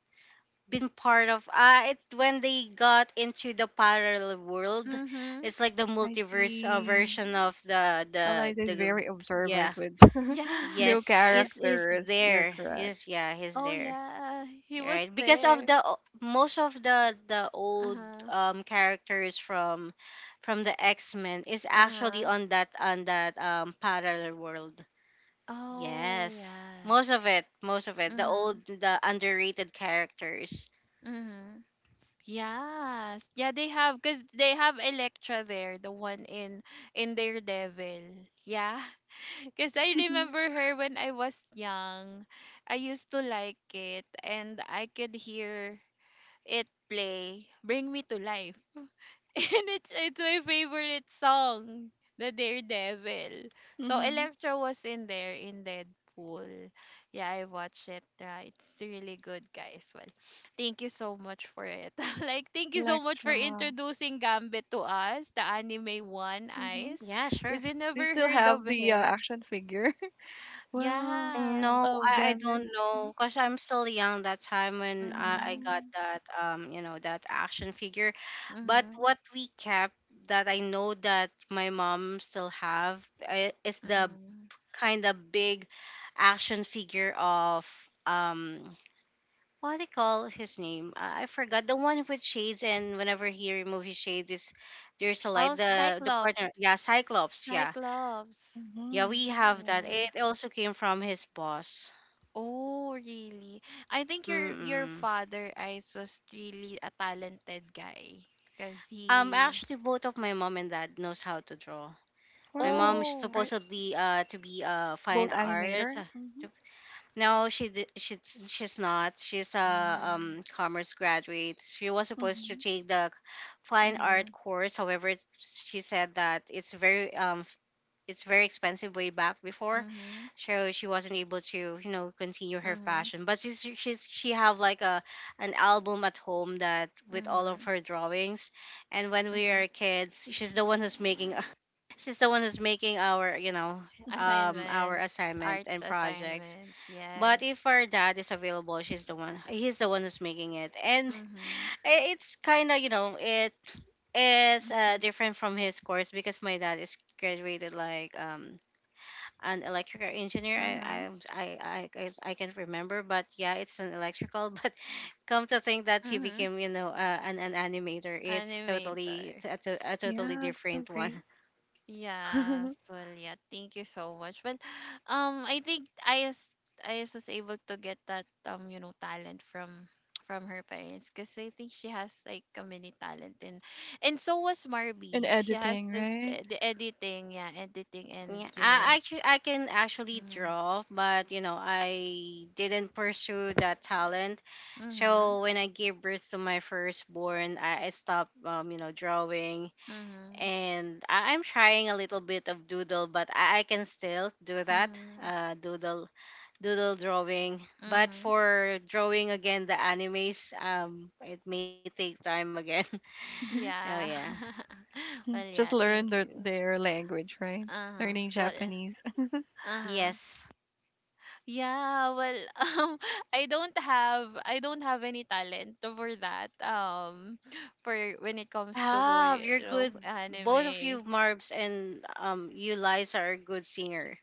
B: been part of, it, when they got into the parallel world.
A: mhm
B: It's like the
C: I
B: multiverse,
C: see.
B: version of the
C: Eliza
B: the
C: is very observant
B: yeah.
C: with [laughs]
A: yeah.
C: new
B: Yes,
A: [laughs]
B: he's
C: characters. You're
B: there.
C: correct.
B: Is, yeah, he's
A: Oh
B: there.
A: yeah, he was
B: Right? Because of
A: there.
B: the, most of the old,
A: Uh-huh.
B: characters from the X-Men is actually
A: Uh-huh.
B: on that, on that, parallel world.
A: Oh
B: Yes. Most
A: yes.
B: of it, most of it. The
A: Mm-hmm.
B: old, the underrated characters.
A: Mm-hmm. Yes. Yeah, they have because they have Electra there, the one in Daredevil. Yeah. [laughs] Because I
C: [laughs]
A: remember her when I was young. I used to like it and I could hear it play Bring Me to Life. [laughs] and it's my favorite song, the Daredevil. So
C: Mhm.
A: Electro was in there in Deadpool. Yeah, I watched it. It's really good, guys. Well, thank you so much for it. [laughs] like, thank you so much
C: Electra.
A: for introducing Gambit to us, the anime one,
C: Mhm.
A: Eyes,
B: Yeah, sure.
A: because I
C: Do you
A: never
C: still
A: heard of
C: have the
A: him.
C: action figure? [laughs] Well,
A: Yes.
B: No,
C: of
B: I
C: Gambit.
B: don't know because I'm still young that time when I
A: Mhm.
B: got
C: Mhm.
B: that, you know, that action figure, but
A: Mhm.
B: what we kept, that I know that my mom still have, is the
A: Mhm.
B: kind of big action figure of, um, what they call his name? I forgot. The one with shades, and whenever he remove his shades, is there's a light.
A: Oh,
B: The the partner,
A: Cyclops.
B: yeah, Cyclops, yeah,
A: Cyclops.
B: yeah.
C: Mhm.
B: We have that.
A: Yeah.
B: It also came from his boss.
A: Oh, really? I think your
B: Mm-mm.
A: father Ice was really a talented guy because he.
B: Actually, both of my mom and dad knows how to draw. My mom
C: Wow.
B: is
A: Oh.
C: Right.
B: supposedly, to be a fine
C: Both
B: artist.
C: animator. Mhm.
B: No, she's not. She's a,
A: Mhm.
B: commerce graduate. She was supposed to
C: Mhm.
B: take the fine art
A: Mhm.
B: course. However, she said that it's very, it's very expensive way back before,
A: Mhm.
B: so she wasn't able to, you know, continue her
A: Mhm.
B: passion. But she's she have like a, an album at home that with all of
A: Mhm.
B: her drawings, and when we
A: Mhm.
B: are kids, she's the one who's making [laughs] she's the one who's making our, you know,
C: Mhm.
B: our
A: Assignment,
B: assignment
A: arts
B: and projects.
A: assignments. Yes.
B: But if our dad is available, she's the one. he's the one who's making it, and [sighs]
A: Mhm.
B: [laughs] it's kind of, you know, it is,
A: Mhm.
B: different from his course because my dad is graduated like, an electrical engineer. I I
A: Mhm.
B: I I, I I can't remember, but yeah, it's an electrical. [laughs] But come to think that he
A: Mhm.
B: became, you know, an animator. It's totally
A: Animator.
B: a, a totally
C: Yeah, that's so
B: different one.
C: great.
A: Yeah,
C: [laughs]
A: well, yeah, thank you so much. But [sighs] I think I is was able to get that you know, talent from her parents because I think she has like a mini talent and so was
C: And
A: Marby. She has
C: editing,
A: this
C: right?
A: the editing, yeah, editing
B: Yeah,
A: and you
B: I
A: know.
B: actually I can actually
A: Mm,
B: draw, but you know, I didn't pursue that talent.
A: mhm.
B: So when I gave birth to my firstborn, I stopped, you know, drawing,
A: Mhm.
B: and I'm trying a little bit of doodle, but I can still do that.
A: Mhm.
B: Uh, doodle drawing. But
A: Mhm.
B: for drawing again the animes, it may take time again. [laughs]
C: Mhm.
B: Oh yeah.
A: Yeah. [laughs]
C: Mhm.
A: well,
C: Just
A: yeah,
C: learn
A: thank you.
C: their language, right?
A: Uh-huh.
C: Learning
A: Well,
C: Japanese. [laughs]
A: uh-huh.
B: Yes.
A: Yeah, well, [laughs] I don't have any talent for that. [laughs] For when it comes to
B: Have you're
A: you know
B: good. Both of you,
A: anime.
B: Marbs and, you, Liza, are good singer.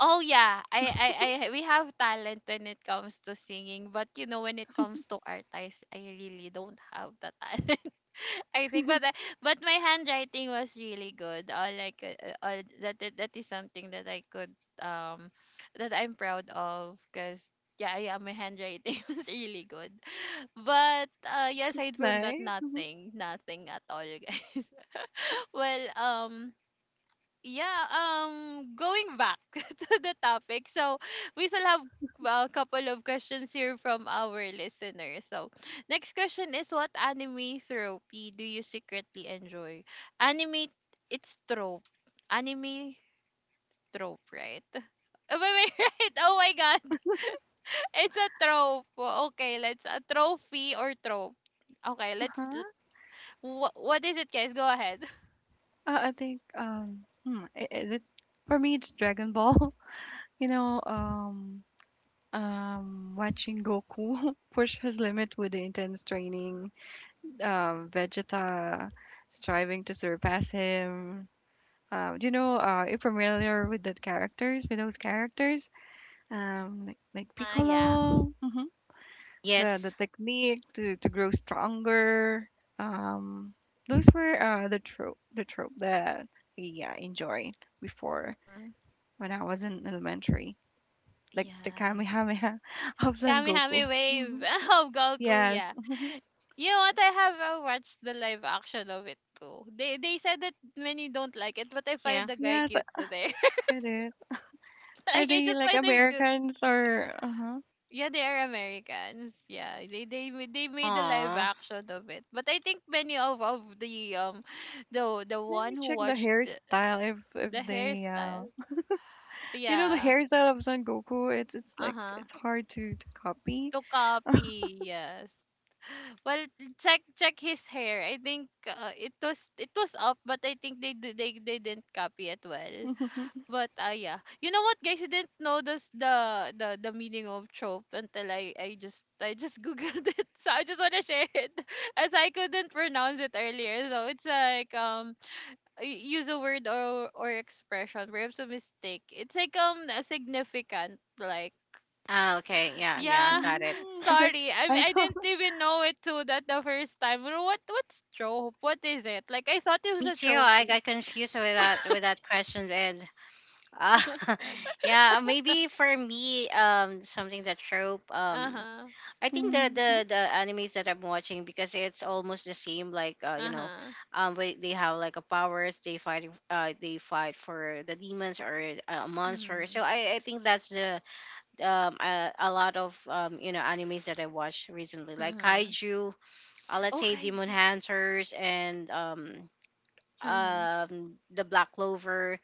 A: Oh yeah, I we have talent when it comes to singing, but you know when it comes to art, I s- I really don't have the talent. [laughs] I think, but I- but my handwriting was really good. Like that, that that is something that I could um that I'm proud of, cause yeah yeah my handwriting [laughs] was really good. But yeah, aside from that,
C: Nice. Mhm.
A: nothing, nothing at all, guys. [laughs] well, yeah, going back [laughs] to the topic, so we still have a couple of questions here from our listeners. So, next question is, what anime therapy do you secretly enjoy? Anime, it's trope. Anime trope, right? [laughs] Am I right? Oh my god, [laughs] it's a trope. Well, okay, let's a trophy or trope. Okay, let's.
C: Uh-huh.
A: Wha what is it, guys? Go ahead. [laughs]
C: I think um hmm, is it for me it's Dragon Ball. [laughs] You know, watching Goku [laughs] push his limit with the intense training, Vegeta striving to surpass him. Do you know, are you familiar with that characters, with those characters? Like
A: Uh-huh, yeah.
C: Piccolo, hmm the
B: Yes.
C: technique to grow stronger. Um, those were the trope that we enjoyed before
A: Mm.
C: when I was in elementary, like the
A: Yes.
C: Kamehameha [laughs] of Son
A: Kamihame
C: Goku.
A: Wave
C: Mhm.
A: [laughs] of Goku,
C: Yes,
A: yeah.
C: mhm.
A: You know what? I have watched the live action of it too. They said that many don't like it, but I find
B: Yeah.
A: the guy
C: Yes,
A: cute there. [laughs]
C: it is. Are
A: Like I
C: they
A: just
C: like
A: find him cute.
C: Americans or? Uh-huh.
A: Yeah, they are Americans. Yeah, they made the live
B: Oh.
A: action of it. But I think many of the the
C: Let
A: one
C: me
A: who
C: check the
A: watched
C: hairstyle if
A: the
C: they
A: hairstyle.
C: you know the
A: Yeah.
C: hairstyle of Son Goku. It's
A: Uh
C: like
A: huh.
C: it's hard to copy.
A: To copy. Yes. Well, check his hair. I think it was up, but I think they di- they didn't copy it well.
C: [laughs]
A: But yeah, you know what, guys? I didn't know this the meaning of trope until I just [laughs] googled it. So I just wanna share it, [laughs] as I couldn't pronounce it earlier. So it's like y- use a word or expression perhaps a mistake. It's like a significant like
B: Ah, okay. Yeah. Yeah.
A: yeah,
B: Got it.
A: [laughs]
C: Mm, don't-
A: sorry. I
C: I
A: I didn't
C: thought.
A: even know it too that the first time. Well, what what's trope? What is it? Like I thought it was
B: Me
A: a
B: too. I
A: trophy.
B: got confused with that, with that question, and uh,
A: [laughs]
B: [laughs] yeah, maybe for me, something that trope.
A: Uh huh.
B: I
C: [laughs]
B: think
C: Hmm.
B: the animes that I'm watching because it's almost the same. Like, you
A: Uh
B: know,
A: huh.
B: they have like a powers. They fight. They fight for the demons or, a monster.
A: Mhm.
B: So I think that's the, a lot of, you know, animes that I watched recently, like
A: Mhm.
B: kaiju. Let's
A: Oh,
B: say Demon
A: kaiju.
B: Hunters and
A: Mhm.
B: the Black Clover,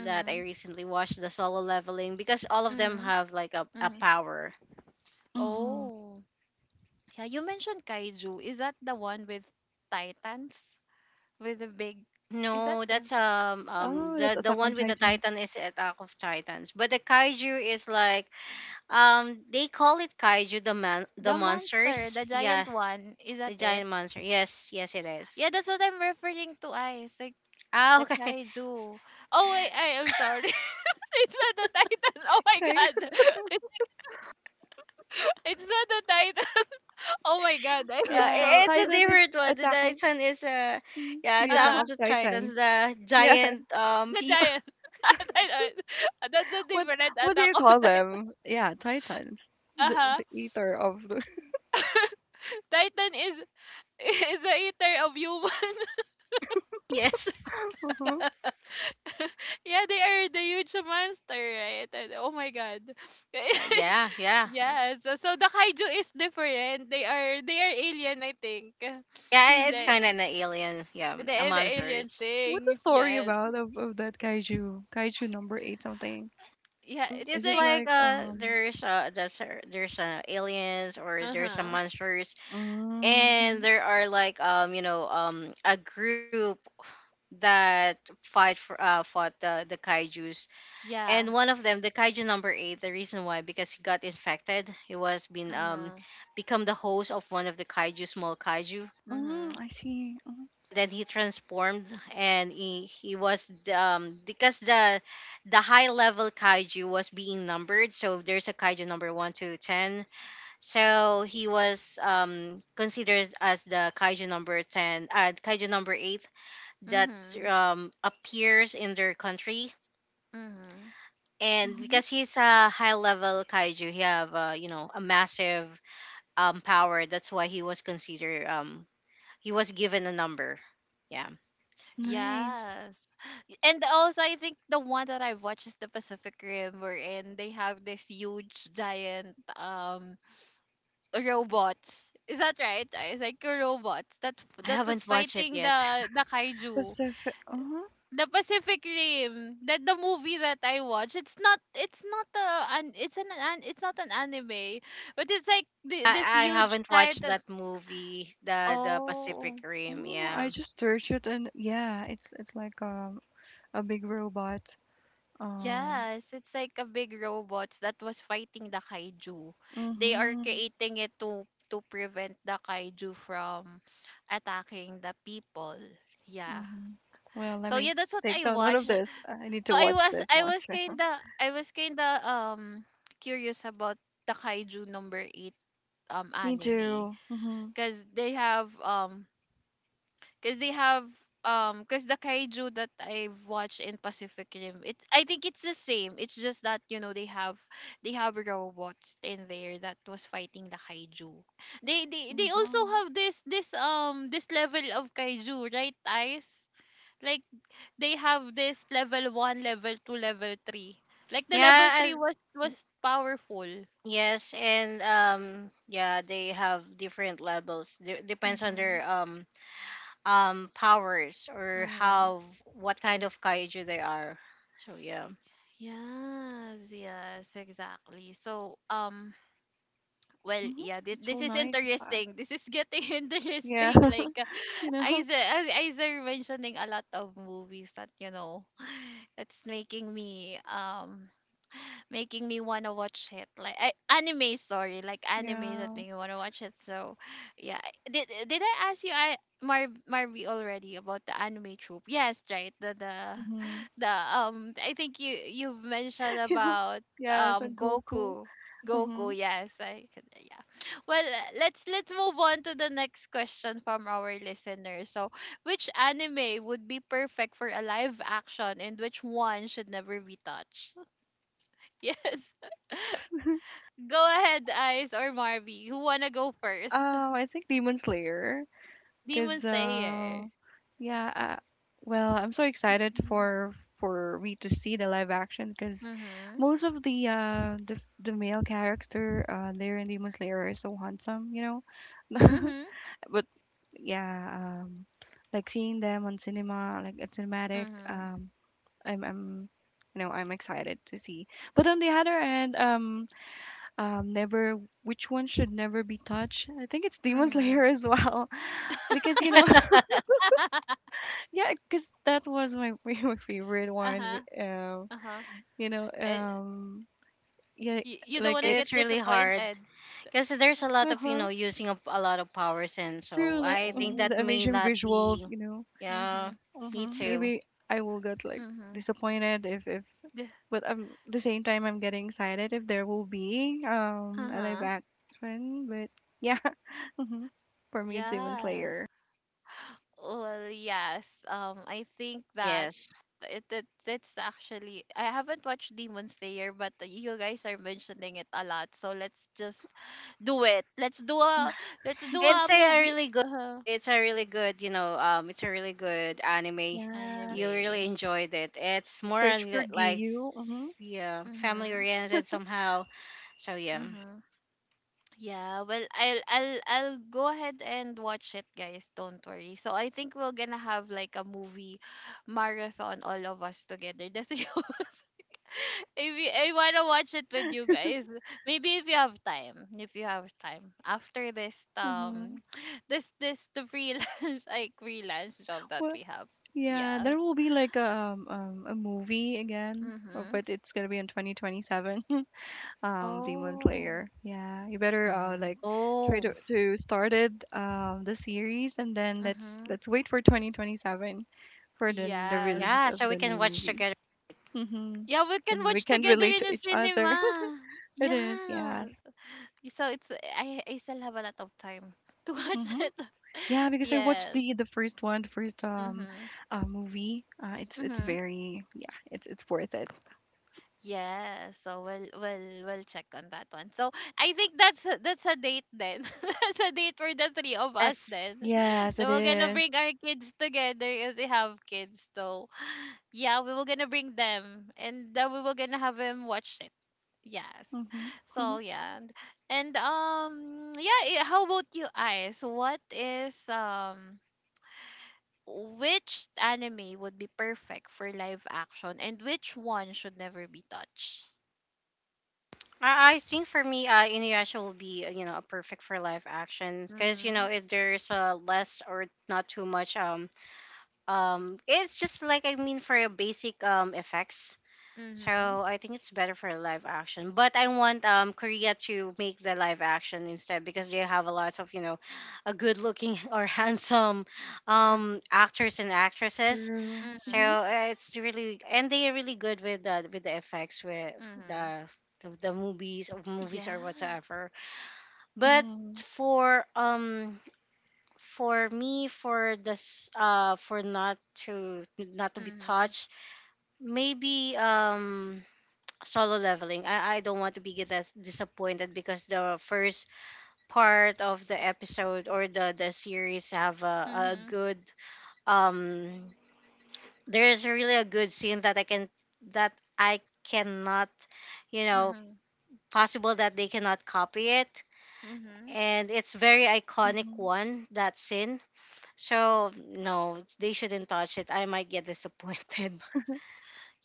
B: that I recently watched. The Solo Leveling, because all of them
A: Mhm.
B: have like a
A: Mhm.
B: power.
C: Hmm.
A: Oh, yeah. You mentioned kaiju. Is that the one with titans? With the big? Is that
B: No,
A: the one?
B: that's
C: Oh, that's
B: the
C: Attack on
B: one with the
C: Titan.
B: Titan is Attack of Titans, but the kaiju is like, they call it kaiju, the man the
A: The monster,
B: monsters.
A: the
B: Yeah,
A: giant one. Is that
B: the
A: it?
B: giant monster. Yes, yes it is.
A: Yeah, that's what I'm referring to. Eyes. Like
B: Ah,
A: the
B: okay. [laughs]
A: kaiju. Oh wait, I am sorry. [laughs] It's not the title. Oh my
C: Okay.
A: god.
C: [laughs]
A: [laughs] It's, it's not the title. [laughs] Oh my god. I
B: Yeah,
A: was so
C: Yeah,
B: it's a
C: Titan is
B: different one. The
C: Attack of
B: Titan is
C: mm,
B: yeah,
C: the
B: Attack
C: Attack
A: uh
B: of
C: of
B: the
C: Titans.
B: Titans, the
C: Yeah.
B: giant
A: the
B: people.
A: giant. [laughs] I know it. [laughs] That's a
C: [laughs] What
A: different
C: what do
A: Attack
C: you
A: on
C: call
A: Titan.
C: them? Yeah, Titans.
A: Uh-huh.
C: The eater of the.
A: [laughs] Titan is the eater of human.
B: [laughs] Yes.
C: [laughs] Uh-huh.
A: [laughs] Yeah, they are the huge monster, right? And, oh my god. [laughs]
B: Yeah, yeah,
A: Yes. So the kaiju is different. They are alien, I think.
B: yeah. It's
A: They,
C: Hmm.
B: kind of an alien. Yeah,
A: the
B: a
A: alien
B: monsters.
C: What's the
A: things,
C: story
A: yes.
C: about of that kaiju? Kaiju number eight something.
A: Yeah, it's
C: Is
B: It's
C: it
A: like
B: like
C: like um?
B: there's aliens, or there's some
A: uh-huh.
B: monsters, and
C: Mm-hmm.
B: there are like a group that fight for fought the kaiju's,
A: Yeah.
B: and one of them, the kaiju number 8. The reason why, because he got infected, he was been
A: Uh-huh.
B: become the host of one of the kaiju small kaiju,
C: Mm,
A: Mhm.
C: I see.
B: then he transformed. And he was, because the high level kaiju was being numbered, so there's a kaiju number 1 to 10. So he was considered as the kaiju number 10 uh kaiju number 8 that
A: Mhm.
B: appears in their country.
A: Mhm.
B: And
C: Mhm.
B: because he's a high level kaiju, he have you know, a massive power. That's why he was considered, he was given a number, yeah.
C: Nice.
A: Yes. And also I think the one that I watched is the Pacific Rim wherein they have this huge giant robots. Is that right? It's like robots that
B: I
A: that was
B: haven't watched it
A: fighting
B: yet.
A: the kaiju.
C: Pacific uh-huh.
A: The Pacific Rim, that the movie that I watched. It's not a an it's not an anime, but it's like the, this
B: I
A: huge
B: haven't watched
A: titan.
B: that movie, the Pacific
A: Oh,
B: Rim.
C: Oh, I
B: Yeah,
C: just searched it and yeah, it's like a big robot. Um.
A: yes, it's like a big robot that was fighting the kaiju. They are
C: Mhm.
A: creating it to prevent the kaiju from attacking the people. Yeah.
C: Mhm. Well, let
A: So
C: me
A: yeah, that's what
C: take
A: I
C: down note of
A: watched.
C: this. I need
A: So
C: to
A: I
C: watch
A: was
C: this
A: I
C: one.
A: was
C: [laughs]
A: kinda I was kinda curious about the kaiju number eight
C: Me
A: anime
C: too. Mhm.
A: because they have um because they have because the kaiju that I've watched in Pacific Rim, it I think it's the same. It's just that you know they have robots in there that was fighting the kaiju. They also
C: Mhm.
A: have this level of kaiju, right, Ice? Like they have this level 1 level 2 level 3, like the level
B: yeah,
A: 3 was powerful.
B: yes, and yeah, they have different levels. Depends on
A: Mhm.
B: their powers, or
A: Mhm.
B: how what kind of kaiju they are. So yeah,
A: Yes, yes, exactly. So, well,
C: Mhm.
A: yeah,
C: It's
A: this
C: so
A: is
C: nice of that.
A: interesting. This is getting [laughs]
C: Yeah.
A: interesting. Like,
C: [laughs] You know.
A: Isa, as Isa mentioning a lot of movies that you know, [sighs] it's making me wanna watch it. Like, I, anime, sorry, like anime that
C: Yeah.
A: make me wanna watch it. So yeah, I- did I ask you, I marvi already about the anime trope? Yes, right, the
C: Mhm.
A: [sighs] [laughs] the I think you mentioned
C: [laughs] You know.
A: about
C: Yes, and Goku.
A: goku
C: Mhm.
A: yes I can, yeah. Well let's move on to the next question from our listeners. So which anime would be perfect for a live action and which one should never be touched? [laughs] Yes.
C: Oh, [laughs]
A: Go ahead, Ice or Marby. Who wanna go first?
C: I think Demon Slayer.
A: Demon
C: Cause
A: Slayer.
C: yeah, well, I'm so excited
A: Mm-hmm.
C: for me to see the live action because
A: Mm-hmm.
C: most of the the male character there in Demon Slayer is so handsome, you know. [laughs]
A: Mm-hmm.
C: But yeah, um, like seeing them on cinema, like at cinematic, I'm you know I'm excited to see. But on the other end, never which one should never be touched. I think it's Demon
A: Mm-hmm.
C: Slayer as well, [laughs] because you know.
B: [laughs]
A: [laughs]
C: Yeah, cause that was my [laughs] my favorite one.
A: Uh-huh. Uh-huh.
C: You know,
A: And
C: yeah,
A: you don't
C: like
A: wanna
C: it.
A: get
B: it's really hard
A: disappointed.
B: because there's a lot
C: Uh
B: of, you know,
C: huh.
B: using up a lot of powers, and
C: True.
B: so
C: Like,
B: I think
C: mhm,
A: Oh.
B: that
C: the
B: may
C: amazing
B: not
C: visuals.
B: be.
C: You know.
B: Yeah,
A: Mm-hmm.
C: Uh
B: me
C: hmm
B: too.
C: maybe I will get like
A: Mm-hmm.
C: disappointed if, but the same time I'm getting excited if there will be a live
A: Uh-huh.
C: action. But yeah. [laughs] Mm-hmm. For me, it's Demon
A: Yes.
C: Slayer.
A: Well, yes. I think that
B: Yes.
A: it, it's actually, I haven't watched Demon Slayer, but you guys are mentioning it a lot. So let's just do it. Let's do a
B: It's a
A: movie.
B: really good.
A: Uh,
B: It's a really good, you know, it's a really good anime.
C: Yeah.
B: You really
A: anime.
B: enjoyed it. It's more on
C: Search for
B: like,
C: Giyu. Mm-hmm.
B: yeah, family
A: Mhm.
B: oriented somehow. So yeah.
A: Mhm. Yeah. Well, I'll go ahead and watch it, guys. Don't worry. So I think we're gonna have like a movie marathon, all of us together. The three of us. Maybe I wanna watch it with you guys. Maybe if you have time. If you have time. After this
C: Mm-hmm.
A: [sniffs] this the freelance [laughs] like freelance job that
C: Well,
A: we have.
C: yeah,
A: Yes.
C: there will be like a movie again,
A: Mm-hmm.
C: but it's gonna be in 2027. [laughs] Um, Demon
A: Oh.
C: Slayer. Yeah, you better
A: Mm.
C: like try
B: Oh,
C: to start it the series and then
A: Mm-hmm.
C: let's wait for 2027 for the
A: Yes.
C: release
B: yeah.
C: of
B: So we
C: the
B: can
C: new
B: watch
C: movie.
B: together.
C: Mm-hmm.
A: Yeah, we
C: And
A: can
C: we
A: watch
C: can
A: together
C: relate
A: in
C: to
A: a
C: each other.
A: cinema.
C: [laughs] It is, yeah.
A: Yes. So it's I still have a lot of time [laughs] to watch
C: Mm-hmm.
A: it.
C: Yeah,
A: [laughs]
C: because I watched
A: Yes.
C: the first one, the first
A: Mm-hmm.
C: movie. It's
A: Mm-hmm.
C: very yeah, it's worth it.
A: Yeah, so we'll check on that one. So I think that's that's a date then. [laughs] That's a date for the three of us
B: Yes.
A: then. [laughs]
C: Yes,
A: So
C: it
A: we're gonna
C: is.
A: bring our kids together if they have kids. So yeah, we were gonna bring them and then we were gonna have him watch it. Yes.
C: Mhm. Mhm.
A: So yeah, and yeah. How about you, Ice? What is which anime would be perfect for live action and which one should never be touched?
B: I think for me, Inuyasha will be, you know, a perfect for live action, because you know
A: Mhm.
B: if there's less or not too much, it's just like, I mean, for a basic effects. So
A: Mhm.
B: I think it's better for live action. But I want Korea to make the live action instead, because they have a lot of, you know, a good looking [laughs] or handsome
A: Mm
B: actors and actresses.
C: True.
B: So
A: mhm.
C: Mhm.
B: uh, it's really, and they are really good with the effects, with
A: Mhm.
B: the movies, or movies or
A: Yeah.
B: whatsoever. But
C: Mhm.
B: for um for me, for this, for not to be
A: Mhm.
B: touched, maybe Solo Leveling. I don't want to be get as disappointed, because the first part of the episode, or the series have a
A: Mhm.
B: good, um there's really a good scene that I cannot, you know,
A: Mhm.
B: possible that they cannot copy it,
A: Mhm.
B: and it's very iconic
C: Mhm.
B: one, that scene. So no, they shouldn't touch it, I might get disappointed. [laughs]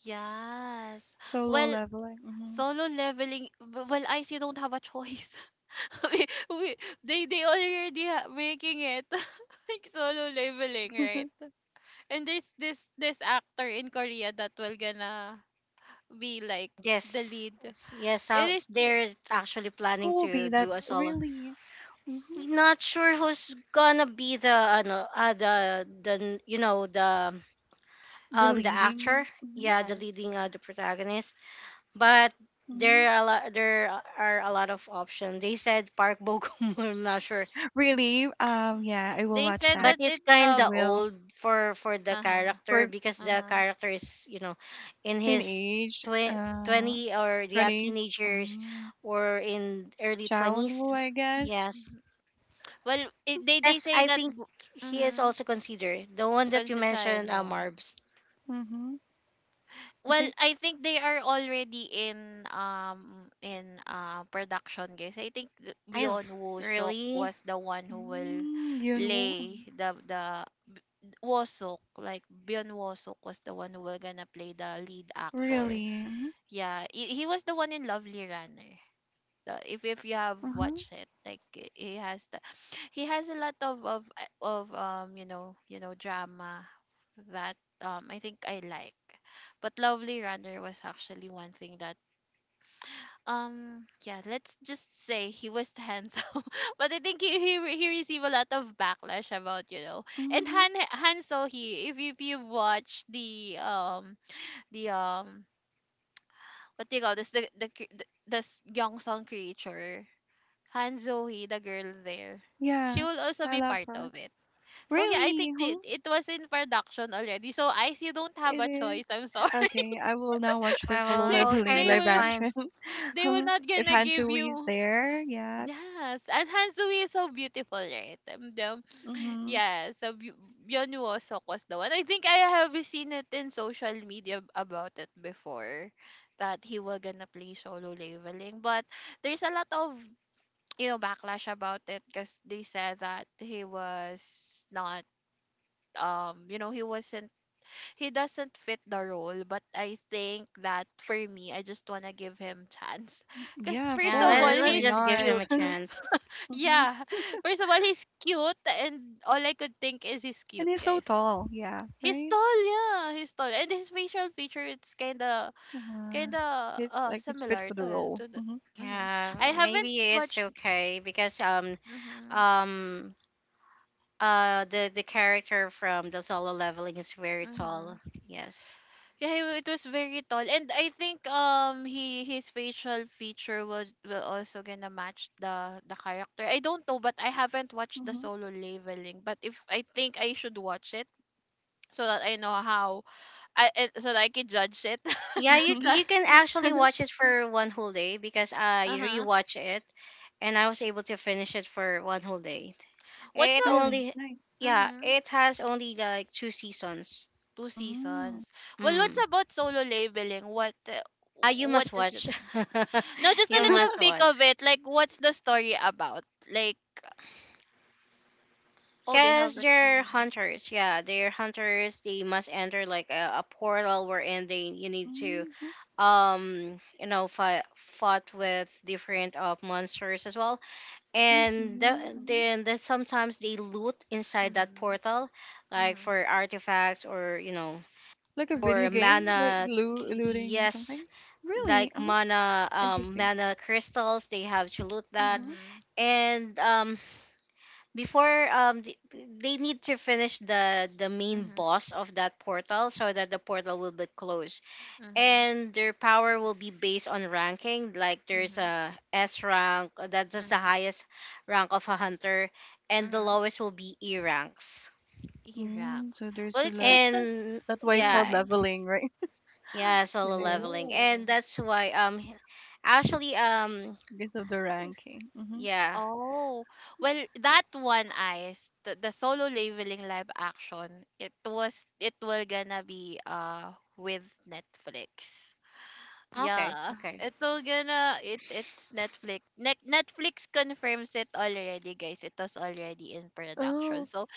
A: Yes.
C: So low
A: Well,
C: level. Like, mhm.
A: solo leveling. Well, I see. Don't have a choice. [laughs] we, we, they already making it, [laughs] like solo leveling, right?
C: [laughs]
A: And there's this actor in Korea that will gonna be like the
B: Yes,
A: lead.
B: yes,
A: And
B: sounds
A: they,
B: they're actually planning
C: Who will be
B: to
C: that
B: do a solo.
C: really? Mhm.
B: Not sure who's gonna be the ano the you know,
C: The
B: the actor,
C: leading. Mhm.
B: yeah, the
A: yes,
B: leading, the protagonist. But
C: Mhm.
B: there are a lot of options. They said Park Bogum. [laughs] I'm not sure,
C: Really? Yeah. I will
A: they
C: watch
A: said
B: but
C: that.
A: that
B: he's
A: it's
B: kind
C: I
A: a
B: of
C: will.
B: old for the
A: uh huh
B: character,
C: For
B: because
A: uh
B: the
A: huh.
B: character is, you know, in his
C: teenage.
B: 20, or yeah,
C: Twenties.
B: teenagers,
C: Um.
B: or in early 20s.
C: Chaunwoo, I guess.
B: Yes.
A: Well, I they
B: Yes,
A: say
B: I
A: that
B: think he is
A: mhm,
B: also considered the one that you
A: concession,
B: mentioned,
A: no.
B: Marbs.
C: Mhm. I
A: Well,
C: think.
A: I think they are already in production, guys. I think
B: I've
A: Beyond woo
B: really.
A: was the one who will
C: Mm, Yunwoo.
A: play the Woo-suk, like Beyond Woo-suk was the one who will gonna play the lead actor.
C: Really. Mhm.
A: Yeah, he was the one in Lovely Runner. If you have
C: Mhm.
A: watched it, like he has the, he has a lot of you know, you know, drama that I think I like. But Lovely Runner was actually one thing that yeah, let's just say he was handsome. [laughs] But I think he received a lot of backlash about you know. And
C: Mhm.
A: han han so he, if you watch the the um what do you call this, the young song creature, Han Zoe, the girl there. She
C: Yeah.
A: will also
C: I
A: be
C: love
A: part
C: her.
A: of it. So yeah, I think
C: Really.
A: it,
C: Mhm.
A: it was in production already. So Ice, you don't have
C: It
A: a
C: is.
A: choice. I'm sorry. [laughs]
C: Okay, I will now watch the Solo
A: They
B: Well,
C: Leveling
B: okay,
A: they
C: live
B: that's
A: will,
B: fine.
C: action. [laughs]
A: they will
C: Um,
A: not
C: if
A: gonna give
C: Hantu is
A: you.
C: there, yes.
A: Yes, and Han Zoe is so beautiful, right?
C: Mm-hmm.
A: Yeah, so Byun Woo-suk was the one. I think I have seen it in social media about it before, that he will gonna play solo leveling. But there's a lot of you know backlash about it because they said that he was not you know he wasn't, he doesn't fit the role. But I think that for me, I just want to give him chance [laughs] because
C: Yeah, of
A: first
B: Yeah,
A: of all
C: course.
B: let's
C: Why
A: he's
B: just give
C: not?
B: him
A: cute.
B: a
C: [laughs]
B: chance.
C: Hmm.
A: Yeah, [laughs] first of all he's cute and all I could think is he's cute,
C: And he's so
A: guys.
C: tall. Yeah,
A: He's
C: right?
A: tall, yeah, he's tall and his facial feature, it's kind of
C: Uh, he's like he's fit
A: similar
C: for the role.
A: to the,
C: Hmm.
A: hmm,
B: Yeah,
A: I haven't
B: maybe it's
A: watched,
B: okay because
A: mm-hmm,
B: um the character from the Solo Leveling is very
A: mm-hmm.
B: tall. Yes.
A: Yeah, it was very tall, and I think he, his facial feature was, will also gonna match the character. I don't know, but I haven't watched the solo leveling. But if I think I should watch it so that I know how I so that I can judge it.
B: Yeah, you
A: [laughs]
C: Hmm.
B: you
A: Judge.
B: can actually
C: [laughs]
B: watch it for one whole day because I
A: Uh huh.
B: rewatch it and I was able to finish it for one whole day.
A: What's
B: It
A: the
C: Really
B: only,
C: nice.
B: yeah,
A: mm-hmm,
B: it has only like two seasons.
A: two
C: Mm.
A: seasons? Well, what's
B: Mm.
A: about solo leveling?
B: Ah, you
A: What
B: must
A: is
B: watch.
A: it?
B: [laughs]
A: No, just a
B: You
A: little
B: must
C: [laughs]
A: peek
B: watch.
A: of it. Like, what's the story about? Like, oh, they
B: Cause
A: have a
B: they're
A: trailer.
B: hunters, yeah, they're hunters. They must enter like a portal, wherein they you need to
C: Mm-hmm.
B: fight fought with different monsters as well,
C: I see.
B: and the,
C: Hmm.
B: then then sometimes they loot inside that
A: Mm-hmm.
B: portal, like
A: Mm-hmm.
B: for artifacts or you know
C: Like a video
B: for
A: Mhm,
C: game, like
B: mana.
C: loo looting
B: Yes,
C: something.
B: like
C: Really? Uh-huh. Interesting.
B: mana crystals, they have chalutat.
C: Mm-hmm.
A: mhm,
B: And before, they need to finish the main
A: mhm,
B: boss of that portal, so that the portal will be closed.
A: mhm,
B: And their power will be based on ranking. Like, there's
A: mhm,
B: a S rank, that is the
A: mhm,
B: highest rank of a hunter, and the
A: mhm.
B: lowest will be E ranks.
C: Mm,
A: Iraqs.
C: so there's
A: Well,
C: a
A: it's
C: level.
A: just like,
B: And
C: That's why it's
B: yeah,
C: called
A: mhm.
C: leveling, right? [laughs]
B: yeah, Solo
C: It is
B: Leveling. And
A: Oh,
B: that's why, actually,
C: because of the ranking. Mm-hmm.
B: yeah.
A: oh. Well, that one, ice, the solo labeling live action, it was, it will gonna be with Netflix.
B: Okay,
A: Yeah,
B: okay.
A: it will gonna, it's Netflix. Netflix confirms it already, guys. It was already in production.
C: Oh,
A: So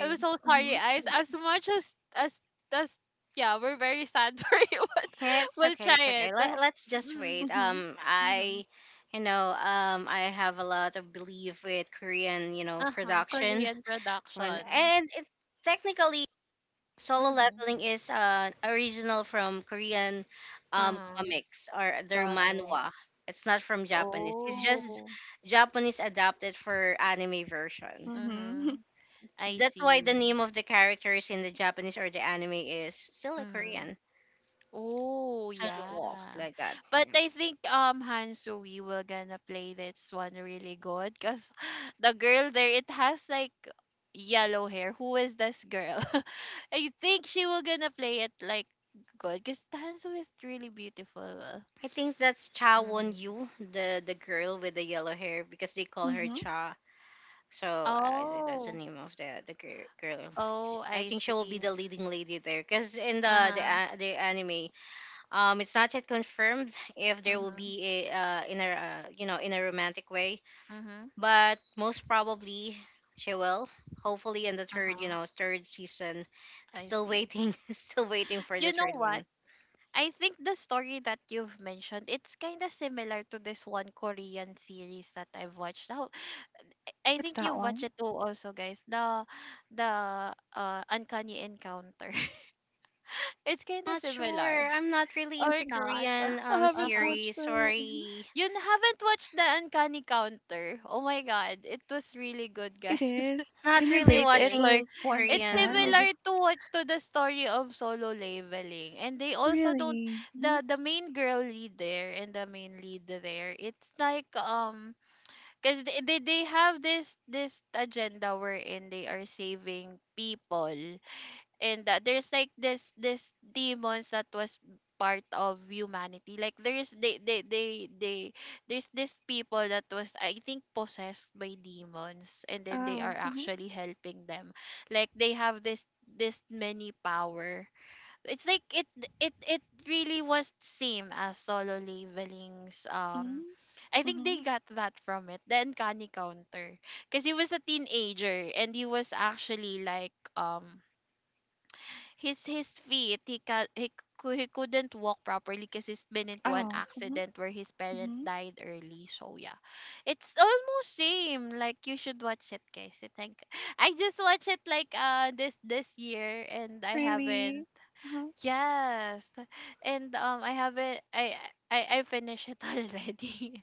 A: I was so sorry,
C: Mm-hmm.
A: Eyes. As much as yeah, we're very sad [laughs] for you, but
B: It's
A: we'll
B: okay,
A: try
B: it's
A: it.
B: okay. Let's just
A: Mm-hmm.
B: wait.
C: Mm-hmm.
B: I have a lot of belief with Korean, you know,
A: Uh-huh.
B: production.
A: Korean
B: When
A: production.
B: and it, Technically, Solo
A: Mm-hmm.
B: Leveling is original from Korean,
A: Uh-huh.
B: comics or their
A: Comic.
B: manhwa. It's not from Japanese. It's just
A: Oh.
B: Japanese adapted for anime version.
C: Mm-hmm.
A: Mm-hmm.
C: [laughs]
A: I
B: That's why the
A: see.
B: name of the characters in the Japanese or the anime is still a
A: Mm-hmm.
B: Korean.
A: Oh,
B: Sun,
A: yeah.
B: like that.
A: But
B: Yeah.
A: I think Hansu, we will gonna play this one really good because [gasps] [laughs] the girl there it has like yellow hair. Who is this girl? [laughs] I think she will gonna play it like good because Hansu is really beautiful.
B: I think that's Cha Won
A: Mm.
B: Yu, the girl with the yellow hair, because they call her
C: Mm-hmm.
B: Cha. So I think that's the
A: Oh,
B: name of the girl.
A: oh,
B: I
A: I
B: think she will be
A: see.
B: the leading lady there, because in the the
A: Uh-huh.
B: a- the anime, it's not yet confirmed if
A: Uh
B: there will
A: huh.
B: be a in a you know, in a romantic way,
A: Uh huh.
B: but most probably she will. Hopefully in the third you
A: Uh-huh.
B: know third season.
A: I
B: Still
A: see.
B: waiting, [laughs] still waiting for the
A: You know
B: third
A: what?
B: one.
A: I think the story that you've mentioned, it's kind of similar to this one Korean series that I've watched. Now, I
C: What's
A: think
C: that
A: you've watched
C: one?
A: it too also, guys. The Uncanny Encounter. [laughs] It's kind of
B: Not sure.
A: similar
B: I'm not really
A: or
B: into
A: not?
B: Korean
C: I haven't
A: Uh-huh.
C: watched
B: series.
C: that. Mhm.
B: Sorry.
A: Haven't watched the Uncanny Counter. Oh my god, it was really good,
C: It
A: guys.
C: is.
B: Not
C: Can you
A: [laughs]
B: really
C: rate
A: It
C: it
A: is.
C: like
B: watching
C: one to
A: It's
B: Korean,
C: ten? Is
B: no.
C: it
A: similar to what to the story of Solo Leveling, and they also don't
C: really? Mm-hmm.
A: the main girl lead there and the main lead there. It's like because they have this agenda wherein they are saving people, and there's like this demons that was part of humanity like there's they there's this people that was, I think, possessed by demons, and then they are
C: Oh. Mm-hmm.
A: actually helping them like they have this many power. It's like it really was same as Solo Leveling's. I
C: Mm-hmm.
A: think
C: Mm-hmm.
A: they got that from it, the Uncanny Counter. Because he was a teenager and he was actually like his feet. He couldn't walk properly because he's been into an
C: Oh. Mm-hmm.
A: accident where his parent
C: Mm-hmm.
A: died early, so yeah, it's almost same. Like you should watch it, guys. I think I just watched it like this year, and I haven't.
C: Really? Uh-huh.
A: Yes. And I haven't I finished it [laughs] already,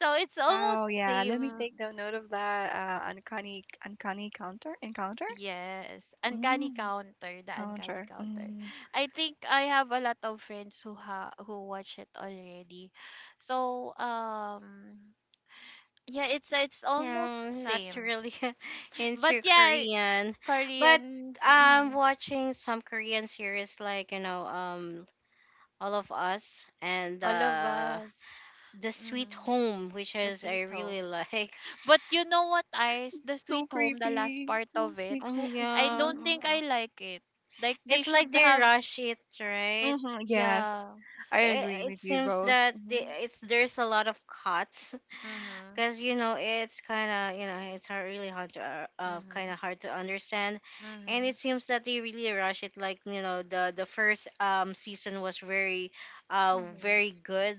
A: so it's almost
C: Wow. Yeah. Let me
A: same.
C: take down note of that. Uncanny, uncanny counter encounter.
A: Yes, Uncanny
C: Mm.
A: Counter, the Uncanny
C: Counter.
A: Counter.
C: Mm.
A: I think I have a lot of friends who ha who watch it already. So, yeah, it's almost
B: No, not
A: same.
B: really [laughs]
A: But
B: into
A: yeah,
B: Korean. But
A: Korean,
B: I'm
A: mhm,
B: watching some Korean series like, you know, All of Us and
A: all of us.
B: The Sweet
A: Mhm,
B: Home, which
A: the
B: is
A: Sweet
B: I really
A: Home.
B: [laughs] like.
A: But you know what, Ice? The Sweet
C: So
A: Home, the last
C: creepy.
A: part
C: Oh,
A: of it,
C: sweet home.
A: I
B: Yeah.
A: don't think I like it. Like they
B: It's like
A: should
B: they
A: have,
B: rush it, right?
C: Mm-hmm. Yes,
A: yeah.
C: I agree
B: It
C: with you
B: seems
C: both.
B: that
C: Mm-hmm.
B: they, it's there's a lot of cuts,
A: Mhm.
B: because you know it's kind of, you know, it's hard, really hard to kind
A: Mhm.
B: of hard to understand, and it
A: Mhm.
B: seems that they really rush it, like you know the first season was very
A: Mhm.
B: very good,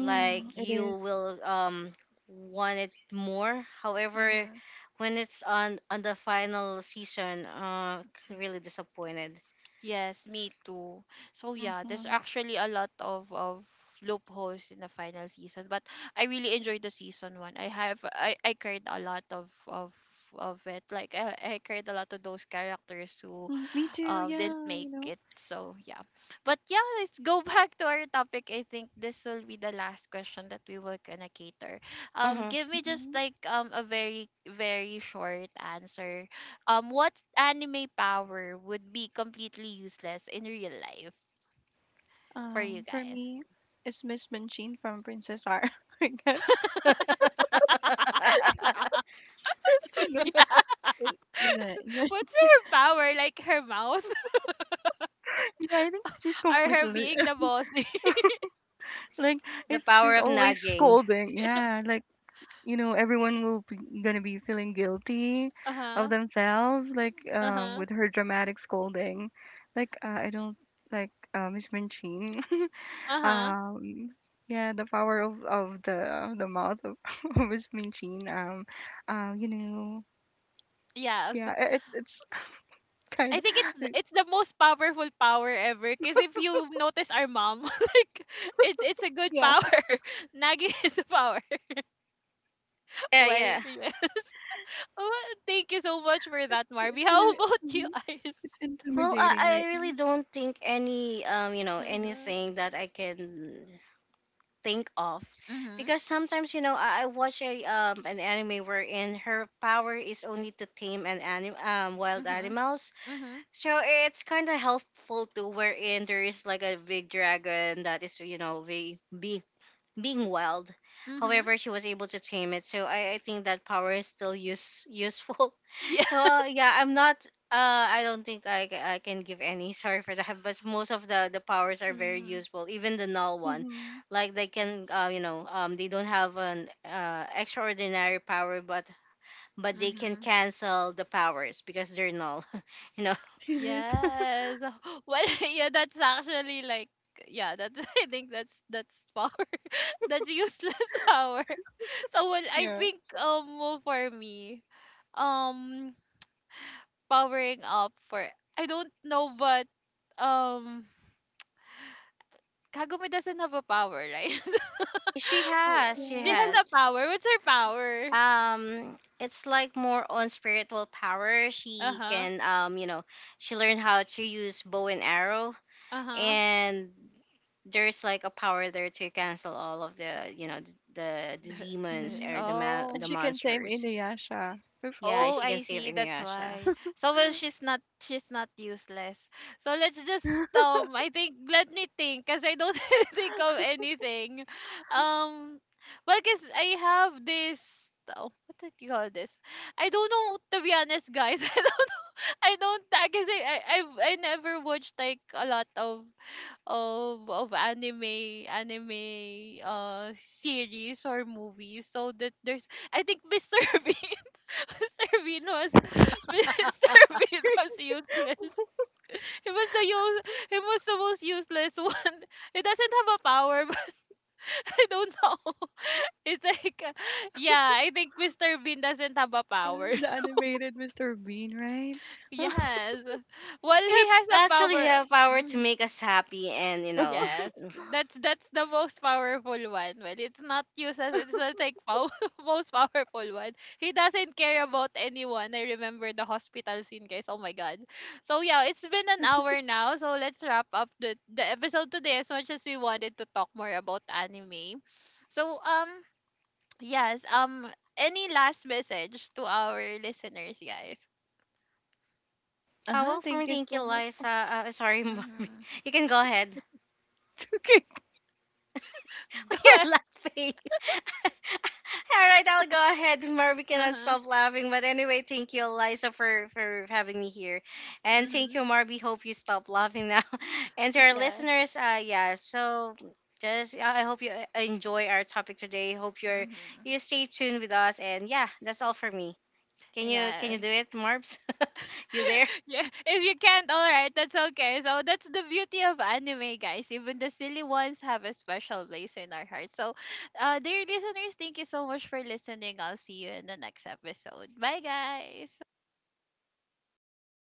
B: like
A: Mm-hmm.
C: It
B: you
C: is.
B: will want it more. However,
A: Mm-hmm.
B: when it's on the final season, really disappointed.
A: Yes, me too. So yeah, there's
C: Mm-hmm.
A: actually a lot of loopholes in the final season, but I really enjoyed the season one. I have I cried a lot of it. Like I cried a lot of those characters who
C: Mm, me too.
A: didn't
C: Yeah, you
A: make
C: know.
A: it. So yeah, but yeah, let's go [laughs] back to our topic. I think this will be the last question that we will gonna cater.
B: Hmm.
A: Give me just
C: Mm-hmm.
A: like a very short answer. What anime power would be completely useless in real life for you
C: For
A: guys?
C: me, it's Miss Manchin from Princess R. [laughs] I guess
B: [laughs]
A: [laughs]
C: you know.
A: Yeah.
C: It, yeah, yeah,
A: What's her power? Like her mouth? [laughs]
C: [laughs] yeah. I think she's
A: Or her
C: completely
A: being the boss? [laughs]
C: [laughs] like
B: The
C: it's,
B: power
C: she's
B: of
C: always
B: nagging.
C: scolding. Yeah, like you know everyone will be gonna be feeling guilty
A: Uh
C: of
A: huh.
C: themselves like
A: Uh huh.
C: with her dramatic scolding like I don't like miss minchin
A: Uh
C: [laughs]
A: huh.
C: um yeah the power of the mouth of, [laughs] of miss minchin you know
A: Yes.
C: yeah
A: [laughs]
C: it's kind
A: I think
C: of
A: it's the most powerful power ever. Cause if you notice our mom, [laughs] like it's a good
C: yeah
A: power. [laughs] Nagging is a power. [laughs]
B: Yeah,
A: Well,
B: yeah.
A: yes. [laughs] Oh, thank you so much for that,
C: it's
A: Marby. [laughs]
C: gonna
A: How
C: be
A: about you,
C: mhm,
A: Ice? [laughs]
C: it's
B: Well,
C: intimidating
B: I,
C: right
B: I really don't think any,
A: Uh-huh.
B: anything that I can think of,
A: Mhm.
B: because sometimes you know I watch a an anime wherein her power is only to tame wild
A: Mhm.
B: animals,
A: Mhm.
B: so it's kind of helpful too, wherein there is like a big dragon that is, you know, be, being being wild.
A: Mhm.
B: However, she was able to tame it. So I think that power is still useful. [laughs]
A: Yeah.
B: So, yeah, I'm not. I don't think I can give any. [laughs] Sorry for that. But most of the powers
A: [laughs]
B: are very
A: Mhm.
B: useful. Even the null one,
C: mm-hmm.
B: like they can, you know, they don't have an extraordinary power, but they can
A: Mhm.
B: cancel the powers because they're null. [laughs] You know,
C: [laughs] It is
A: Yes. [laughs] Well, [laughs] yeah, that's actually like yeah, that's [laughs] I think that's power. [laughs] That's useless [laughs] power. So well, I
C: yeah
A: think well, for me, um powering up for, I don't know, but um Kagome doesn't have a power, right? [laughs]
B: she
A: Oh,
B: has, she
A: she
C: yeah
A: has a
B: has.
A: power. What's her power?
B: It's like more on spiritual power. She
A: Uh-huh.
B: can you know She learned how to use bow and arrow,
A: Uh-huh.
B: and there's like a power there to cancel all of the, you know, the
A: The,
B: demons
C: mm.
B: or
C: And
B: the
A: oh.
C: she can tame
B: monsters.
C: inuyasha. [laughs]
B: Yeah,
A: Oh,
B: she can
A: I
B: save
A: see. That's
B: Inuyasha.
A: why. So well, she's not useless. So let's just I think let me think because I don't [laughs] think of anything. Um well because I have this, oh, what did you call this? I don't know, to be honest, guys. [laughs] I don't because I never watched like a lot of anime series or movies. So that there's I think [laughs] Mr. B [laughs] Mr. Bean was [laughs] Mr. Bean was [laughs] useless. He was the use he was the most useless one. [laughs] He doesn't have a power, but [laughs] I don't know. [laughs] It's like yeah, I think Mr. Bean doesn't have a
C: Yeah,
A: power.
C: the
A: [laughs] So
C: animated Mr. Bean, right?
A: yes. Well, he
B: It's
A: has a
B: actually
A: power.
B: have power to
A: Mm-hmm.
B: make us happy, and you know.
A: Yes, that's the most powerful one. Well, it's not used as it's not like pow- [laughs] most powerful one. He doesn't care about anyone. I remember the hospital scene, guys. Oh my god. So yeah, it's been an hour now. So let's wrap up the episode today. As much as we wanted to talk more about anime, so yes, any last message to our listeners, guys?
C: Uh-huh,
B: Well, for
C: thank
B: me,
C: you
B: thank you,
C: so much.
B: Liza, sorry [laughs] Marvin.
A: Mm-hmm.
B: You can go ahead.
C: [laughs] Okay.
A: [laughs] Go
B: [laughs]
A: ahead.
B: You're laughing. All right, I'll go ahead. Mar, we cannot
A: Uh-huh.
B: stop laughing. But anyway, thank you, Eliza, for having me here. And thank
A: Mm-hmm.
B: you, Marby. Hope you stop laughing now. [laughs] And to
A: [laughs]
B: our
A: Yeah.
B: listeners, yeah, so just I hope you enjoy our topic today. Hope
A: Mm-hmm.
B: you stay tuned with us. And yeah, that's all for me. Can you can
A: Yes.
B: you do it, Marbs? [laughs] You there?
A: Yeah, if you can't, all right, that's okay. So that's the beauty of anime, guys. Even the silly ones have a special place in our hearts. So, dear listeners, thank you so much for listening. I'll see you in the next episode. Bye, guys.